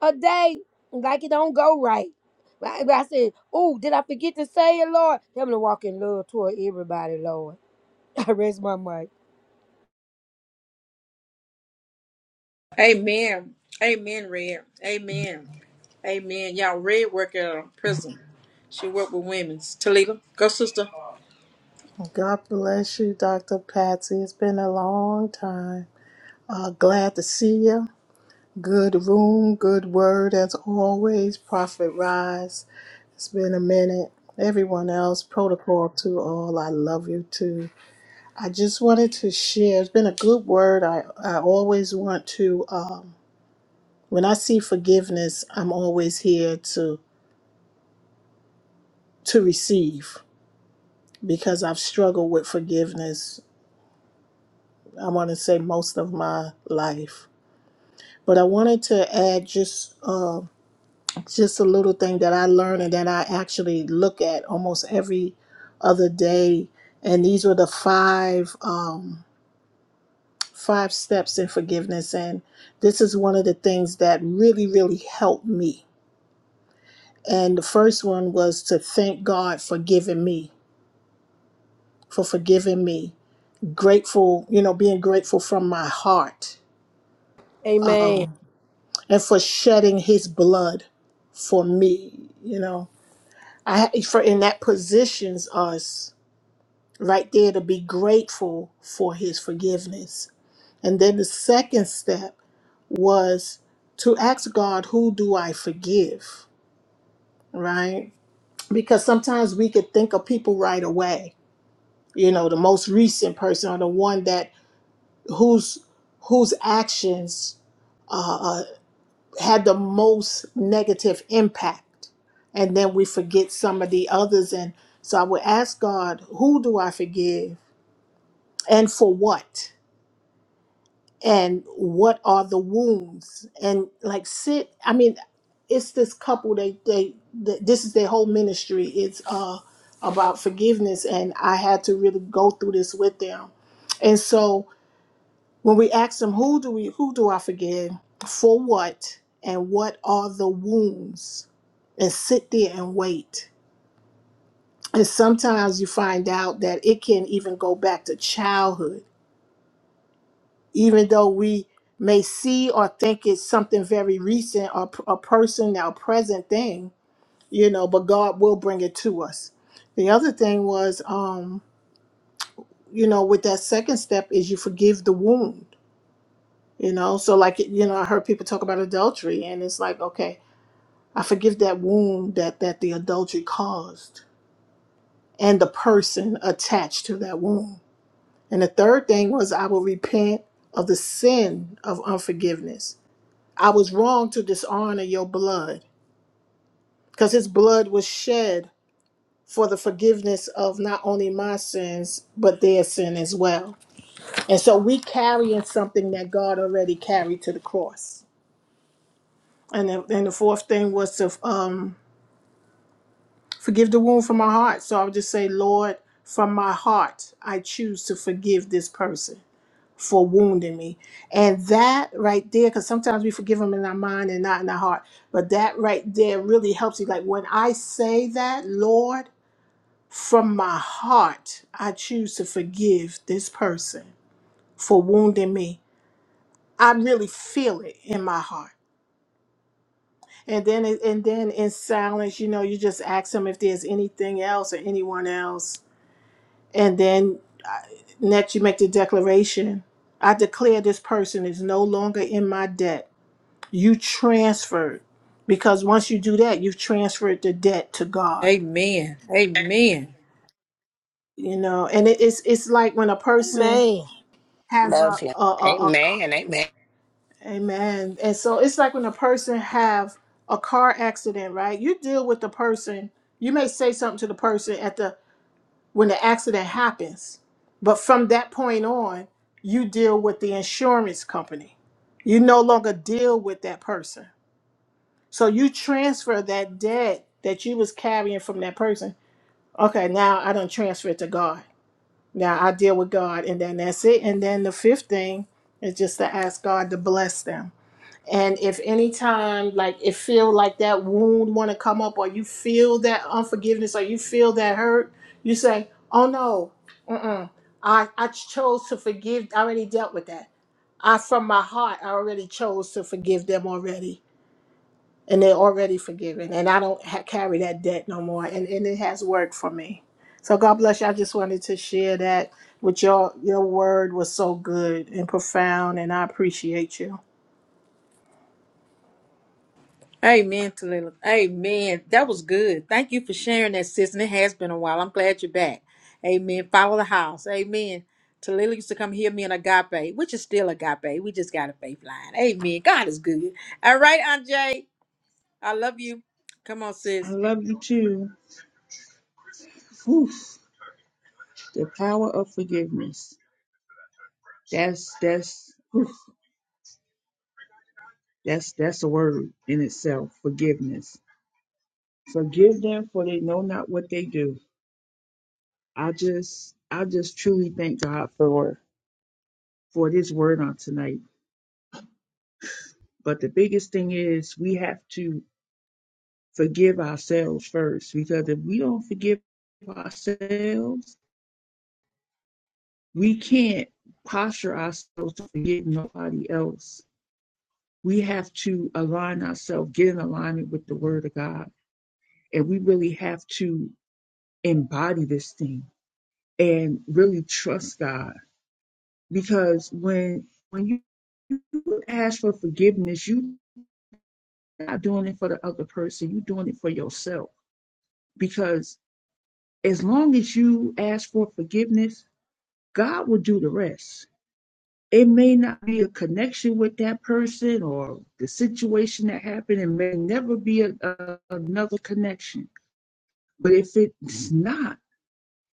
a day, like it don't go right. Like I said, oh, did I forget to say it, Lord? Help me to walk in love toward everybody, Lord. I rest my mic. Amen. Amen, Red. Amen. Amen. Y'all, Red work at a prison. She worked with women's. Talita, go, sister. God bless you, Dr. Patsy. It's been a long time. Uh, glad to see you. Good room, good word as always. Prophet Rise. It's been a minute. Everyone else, protocol to all. I love you too. I just wanted to share. It's been a good word. I, I always want to, um, when I see forgiveness, I'm always here to to receive because I've struggled with forgiveness. I want to say most of my life But I wanted to add just uh, just a little thing that I learned and that I actually look at almost every other day. And these were the five um, five steps in forgiveness. And this is one of the things that really really helped me. And the first one was to thank God for giving me for forgiving me. Grateful, you know, being grateful from my heart, Amen. um, and for shedding His blood for me. You know I for and that positions us right there to be grateful for his forgiveness. And then the second step was to ask God, who do I forgive? Right? Because sometimes we could think of people right away, you know, the most recent person or the one that whose whose actions uh, uh, had the most negative impact. And then we forget some of the others. And so I would ask God, who do I forgive and for what? And what are the wounds? And like sit, I mean, it's this couple, they, they, th- this is their whole ministry. It's uh, about forgiveness. And I had to really go through this with them. And so when we ask him, who do we who do I forgive? For what? And what are the wounds? And sit there and wait. And sometimes you find out that it can even go back to childhood, even though we may see or think it's something very recent or p- a person or present thing, you know, but God will bring it to us. The other thing was, um, you know, with that second step is you forgive the wound You know, so like you know, I heard people talk about adultery, and it's like, okay, I forgive that wound that that the adultery caused, and the person attached to that wound. And the third thing was, I will repent of the sin of unforgiveness. I was wrong to dishonor your blood, because His blood was shed for the forgiveness of not only my sins but their sin as well. And so we carrying something that God already carried to the cross. And the, and the fourth thing was to um Forgive the wound from my heart. So I'll just say, Lord, from my heart, I choose to forgive this person for wounding me. And that right there, because sometimes we forgive them in our mind and not in our heart, but that right there really helps you. Like when I say that, Lord, from my heart, I choose to forgive this person for wounding me. I really feel it in my heart. And then, and then in silence, you know, you just ask them if there's anything else or anyone else and then uh, next you make the declaration i declare this person is no longer in my debt you transferred because once you do that you've transferred the debt to god Amen. Amen. you know and it- it's it's like when a person Amen. has Love a you. a, a, a ca- Amen. Amen. amen and so it's like when a person have a car accident right you deal with the person you may say something to the person at the. when the accident happens. But from that point on, you deal with the insurance company. You no longer deal with that person. So you transfer that debt that you was carrying from that person. Okay, now I don't transfer it to God. Now I deal with God and then that's it. And then the fifth thing is just to ask God to bless them and if any time, like it feel like that wound want to come up, or you feel that unforgiveness, or you feel that hurt, you say, "Oh no, mm-mm. I I chose to forgive. I already dealt with that. I from my heart, I already chose to forgive them already, and they're already forgiven, and I don't ha- carry that debt no more. And and it has worked for me. So God bless you. I just wanted to share that with y'all, your word was so good and profound, and I appreciate you. Amen, Talila. Amen. That was good. Thank you for sharing that, sis. And it has been a while. I'm glad you're back. Amen. Follow the house. Amen. Talila used to come hear me in agape, which is still agape. We just got a faith line. Amen. God is good. All right, Aunt Jay. I love you. Come on, I sis. love you too. Oof. The power of forgiveness. That's that's oof. that's that's a word in itself. Forgiveness. Forgive them for they know not what they do. I just I just truly thank God for for this word on tonight. But the biggest thing is we have to forgive ourselves first because if we don't forgive ourselves, we can't posture ourselves to forgive nobody else we have to align ourselves, get in alignment with the word of God. And we really have to embody this thing and really trust God. Because when when you ask for forgiveness, you're not doing it for the other person, you're doing it for yourself. Because as long as you ask for forgiveness, God will do the rest. It may not be a connection with that person or the situation that happened. It may never be a, a- another connection But if it's not,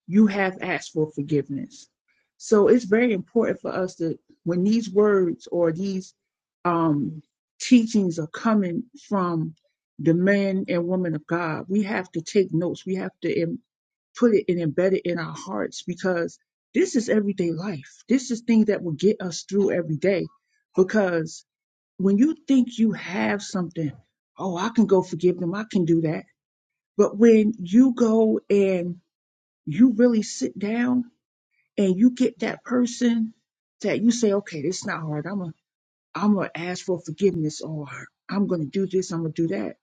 you have asked for forgiveness. So it's very important for us that when these words or these um, teachings are coming from the men and women of God, we have to take notes. We have to em- put it and embed it in our hearts because this is everyday life. This is things that will get us through every day. Because when you think you have something, oh, I can go forgive them, I can do that. But when you go and you really sit down and you get that person that you say, okay, this is not hard. I'm gonna I'm gonna ask for forgiveness or I'm gonna do this, I'm gonna do that.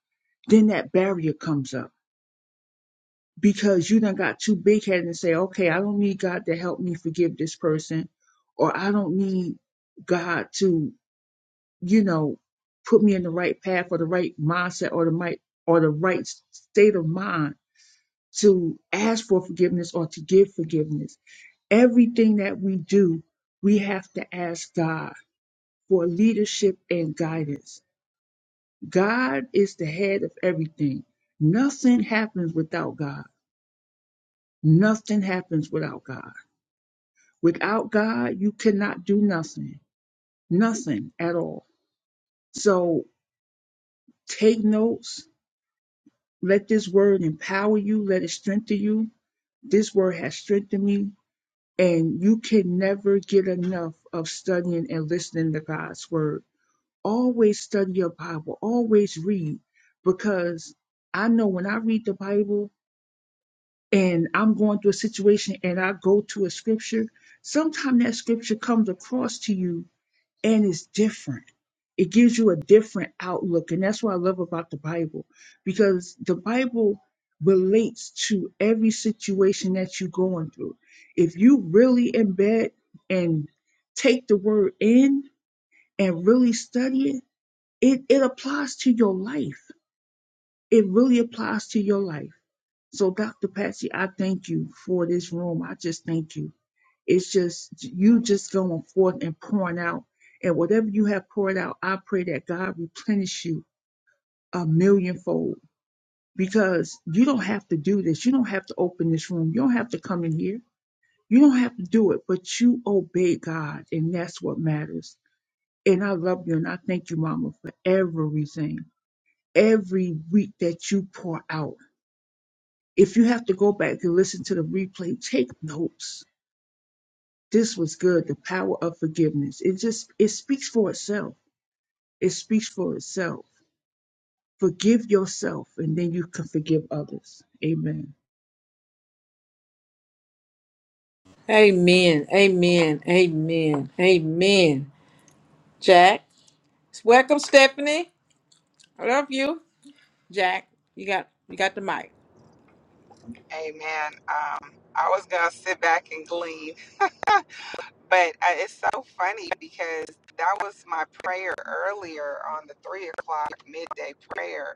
Then that barrier comes up because you done got too big headed and say, okay, I don't need God to help me forgive this person, or I don't need God to, you know, put me in the right path or the right mindset or the right or the right state of mind to ask for forgiveness or to give forgiveness everything that we do, we have to ask God for leadership and guidance. God is the head of everything. Nothing happens without God. Nothing happens without God. Without God, you cannot do nothing, nothing at all. So take notes. Let this word empower you. Let it strengthen you. This word has strengthened me. And you can never get enough of studying and listening to God's word always study your Bible, always read, because I know when I read the Bible and I'm going through a situation and I go to a scripture, sometimes that scripture comes across to you and it's different. It gives you a different outlook. And that's what I love about the Bible, because the Bible relates to every situation that you're going through. If you really embed and take the word in and really study it, it, it applies to your life. It really applies to your life. So, Dr. Patsy, I thank you for this room. I just thank you. It's just you just going forth and pouring out. And whatever you have poured out, I pray that God replenish you a millionfold because you don't have to do this. You don't have to open this room. You don't have to come in here. You don't have to do it, but you obey God, and that's what matters. And I love you, and I thank you, Mama, for everything. every week that you pour out. If you have to go back and listen to the replay, take notes. This was good. The power of forgiveness. It just it speaks for itself. It speaks for itself. Forgive yourself, and then you can forgive others. Amen. Amen. Amen. Amen. Amen. Jack. Welcome, Stephanie. I love you. Jack. You got you got the mic. Amen. Um, I was gonna sit back and glean, but uh, it's so funny because that was my prayer earlier on the three o'clock midday prayer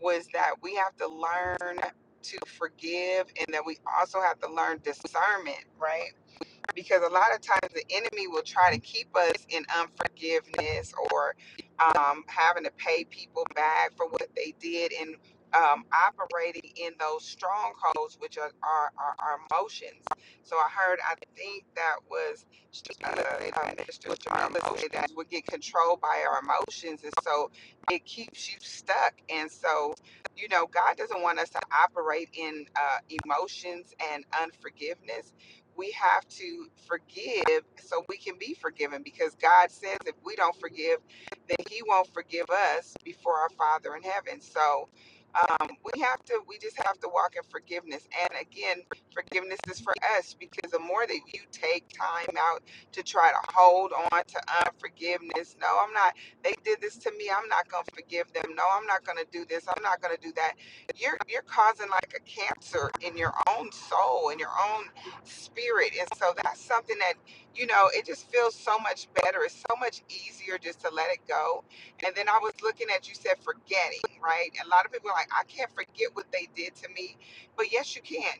was that we have to learn to forgive and that we also have to learn discernment, right? because a lot of times the enemy will try to keep us in unforgiveness or um, having to pay people back for what they did and um, operating in those strongholds, which are our are, are, are emotions. So I heard, I think that was uh, uh, Jarvis say that we get controlled by our emotions. And so it keeps you stuck. And so, you know, God doesn't want us to operate in uh, emotions and unforgiveness we have to forgive so we can be forgiven because God says if we don't forgive, then He won't forgive us before our Father in heaven. So um, we have to, we just have to walk in forgiveness. And again, forgiveness is for us because the more that you take time out to try to hold on to unforgiveness, no, I'm not, they did this to me, I'm not going to forgive them. No, I'm not going to do this, I'm not going to do that. You're, you're causing like a cancer in your own soul, in your own spirit. And so that's something that, you know, it just feels so much better. It's so much easier just to let it go. And then I was looking at you said forgetting, right? A lot of people are like, I can't forget what they did to me. But yes, you can.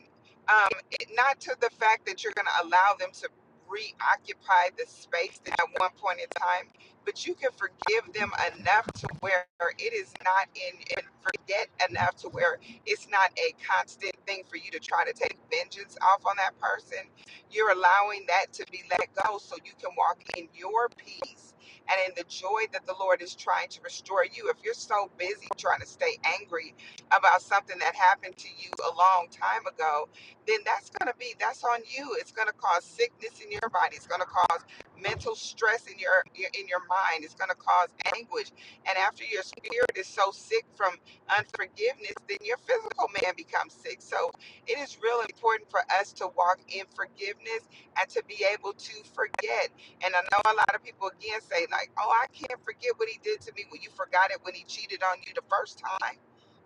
Um, it, not to the fact that you're going to allow them to reoccupy the space that at one point in time, but you can forgive them enough to where it is not in, and forget enough to where it's not a constant thing for you to try to take vengeance off on that person. You're allowing that to be let go so you can walk in your peace and in the joy that the Lord is trying to restore you. If you're so busy trying to stay angry about something that happened to you a long time ago, then that's going to be that's on you. It's going to cause sickness in your body. It's going to cause mental stress in your in your mind. It's going to cause anguish. And after your spirit is so sick from unforgiveness, then your physical man becomes sick. So it is really important for us to walk in forgiveness and to be able to forget. And I know a lot of people again say, like, oh, I can't forget what he did to me. Well, you forgot it when he cheated on you the first time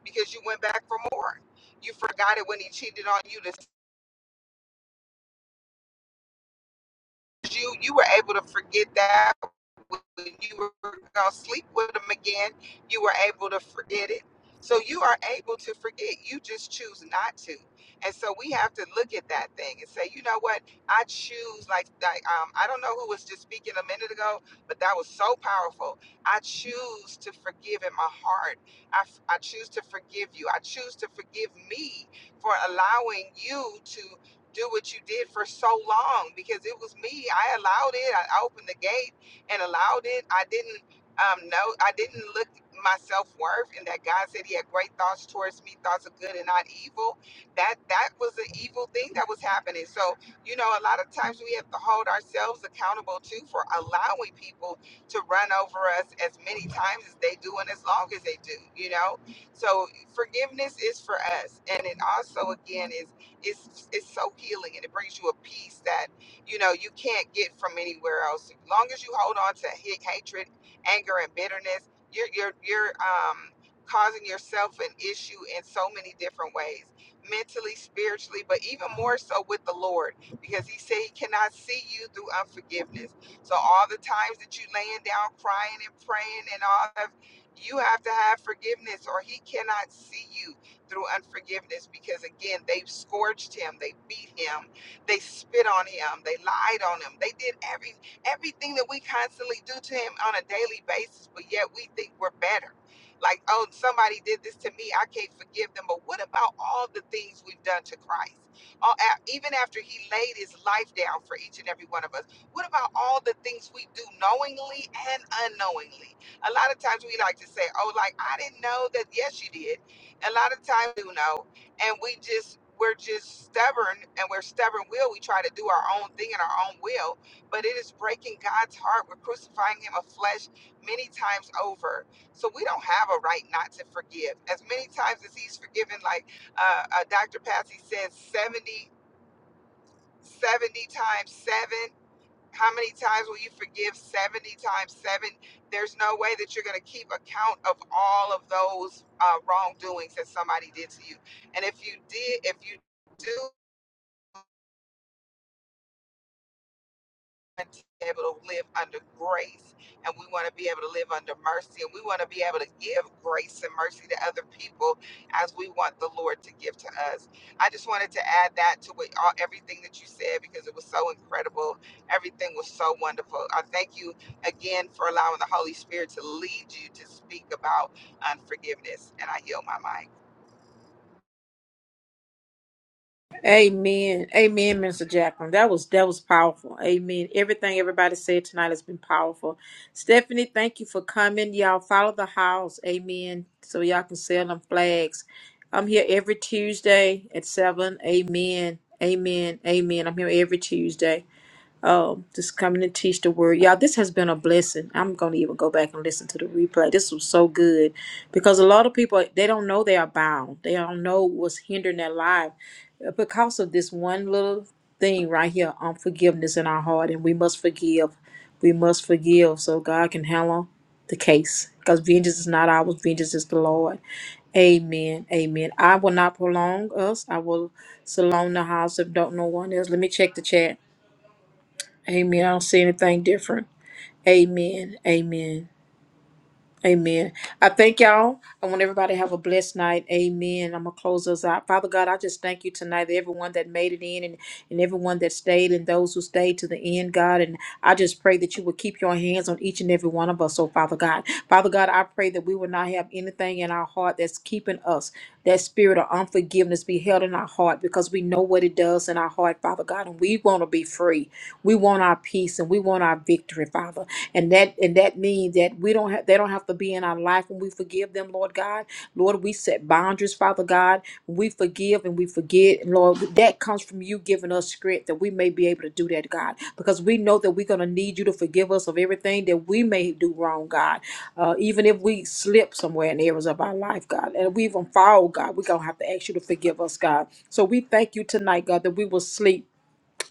because you went back for more. You forgot it when he cheated on you the you you were able to forget that when you were gonna sleep with them again, you were able to forget it. So you are able to forget. You just choose not to. And so we have to look at that thing and say, you know what? I choose like like um I don't know who was just speaking a minute ago, but that was so powerful. I choose to forgive in my heart. I, f- I choose to forgive you. I choose to forgive me for allowing you to do what you did for so long because it was me. I allowed it. I opened the gate and allowed it. I didn't um know I didn't look my self worth and that God said he had great thoughts towards me, thoughts of good and not evil. That that was the evil thing that was happening. So, you know, a lot of times we have to hold ourselves accountable too for allowing people to run over us as many times as they do and as long as they do, you know? So forgiveness is for us. And it also again is it's it's so healing and it brings you a peace that you know you can't get from anywhere else. As long as you hold on to hate, hatred, anger, and bitterness, you're you're you're um causing yourself an issue in so many different ways mentally spiritually but even more so with the lord because he said he cannot see you through unforgiveness so all the times that you laying down crying and praying and all of you have to have forgiveness or he cannot see you through unforgiveness because, again, they have scourged him, they beat him, they spit on him, they lied on him, they did every everything that we constantly do to him on a daily basis, but yet we think we're better. Like, oh, somebody did this to me, I can't forgive them. But what about all the things we've done to Christ? All, a- even after he laid his life down for each and every one of us, what about all the things we do knowingly and unknowingly? A lot of times we like to say, oh, like, I didn't know that. Yes, you did a lot of times you know and we just we're just stubborn and we're stubborn will we try to do our own thing and our own will but it is breaking god's heart we're crucifying him of flesh many times over so we don't have a right not to forgive as many times as he's forgiven like uh, uh, dr patsy says 70, 70 times 7 how many times will you forgive 70 times 7? There's no way that you're going to keep account of all of those uh, wrongdoings that somebody did to you. And if you did, if you do want to be able to live under grace and we want to be able to live under mercy and we want to be able to give grace and mercy to other people as we want the Lord to give to us. I just wanted to add that to what, all, everything that you said because it was so incredible. Everything was so wonderful. I thank you again for allowing the Holy Spirit to lead you to speak about unforgiveness and I yield my mic. Amen. Amen, Mr. Jacqueline. That was that was powerful. Amen. Everything everybody said tonight has been powerful. Stephanie, thank you for coming. Y'all follow the house. Amen. So y'all can sell them flags. I'm here every Tuesday at seven. Amen. Amen. Amen. I'm here every Tuesday um, just coming to teach the word. Y'all, this has been a blessing. I'm going to even go back and listen to the replay. This was so good because a lot of people, they don't know they are bound. They don't know what's hindering their life because of this one little thing right here, unforgiveness in our heart. And we must forgive. We must forgive so God can handle the case because vengeance is not ours. Vengeance is the Lord. Amen. Amen. I will not prolong us. I will salon the house if don't know one else. Let me check the chat. Amen. I don't see anything different. Amen. Amen. Amen. I thank y'all. I want everybody to have a blessed night. Amen. I'm gonna close us out. Father God, I just thank you tonight, everyone that made it in and, and everyone that stayed and those who stayed to the end, God. And I just pray that you would keep your hands on each and every one of us, oh Father God. Father God, I pray that we will not have anything in our heart that's keeping us. That spirit of unforgiveness be held in our heart because we know what it does in our heart, Father God, and we want to be free. We want our peace and we want our victory, Father and that and that means that we don't have they don't have to be in our life when we forgive them lord god lord we set boundaries father god we forgive and we forget and lord that comes from you giving us strength that we may be able to do that god because we know that we're going to need you to forgive us of everything that we may do wrong god uh, even if we slip somewhere in areas of our life god and we even fall god we're going to have to ask you to forgive us god so we thank you tonight god that we will sleep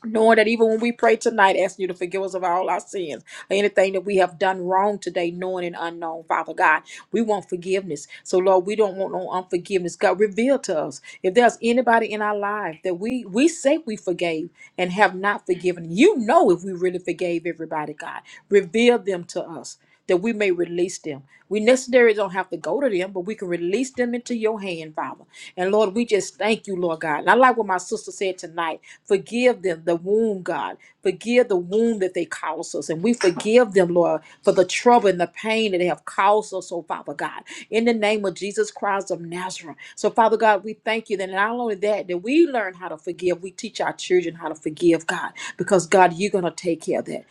knowing that even when we pray tonight, asking you to forgive us of all our sins, or anything that we have done wrong today, knowing and unknown, Father God, we want forgiveness. So Lord, we don't want no unforgiveness. God, reveal to us if there's anybody in our life that we we say we forgave, and have not forgiven. You know if we really forgave everybody, God. Reveal them to us that we may release them. We necessarily don't have to go to them, but we can release them into your hand, Father. And Lord, we just thank you, Lord God. And I like what my sister said tonight. Forgive them, the wound, God. Forgive the wound that they caused us. And we forgive them, Lord, for the trouble and the pain that they have caused us, oh Father God. In the name of Jesus Christ of Nazareth. So, Father God, we thank you that not only that, that we learn how to forgive, we teach our children how to forgive, God, because God, you're going to take care of that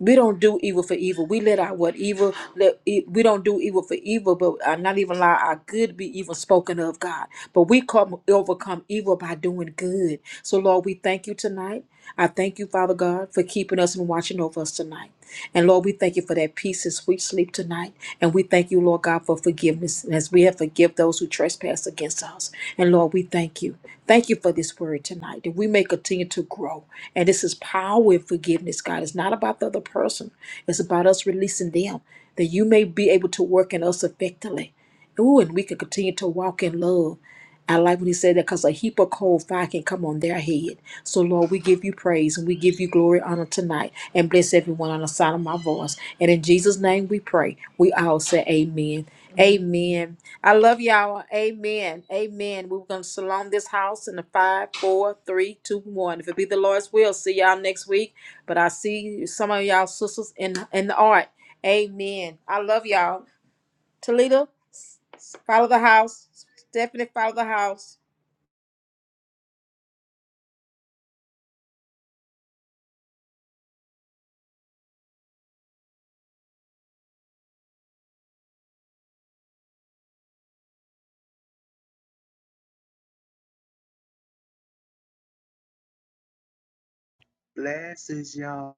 we don't do evil for evil. We let our what evil let e- we don't do evil for evil, but uh, not even allow our good be even spoken of, God. But we come overcome evil by doing good. So Lord, we thank you tonight. I thank you, Father God, for keeping us and watching over us tonight. And Lord, we thank you for that peace and sweet sleep tonight. And we thank you, Lord God, for forgiveness and as we have forgive those who trespass against us. And Lord, we thank you. Thank you for this word tonight that we may continue to grow. And this is power in forgiveness, God. It's not about the other person, it's about us releasing them, that you may be able to work in us effectively. Ooh, and we can continue to walk in love I like when he said that because a heap of cold fire can come on their head. So, Lord, we give you praise and we give you glory, honor tonight, and bless everyone on the sound of my voice. And in Jesus' name we pray. We all say amen. Amen. I love y'all. Amen. Amen. We're going to salon this house in a five, four, three, two, one. If it be the Lord's will, see y'all next week. But I see some of y'all sisters in, in the art. Amen. I love y'all. Talita, follow the house. Stephanie, follow the house. Blessings, y'all.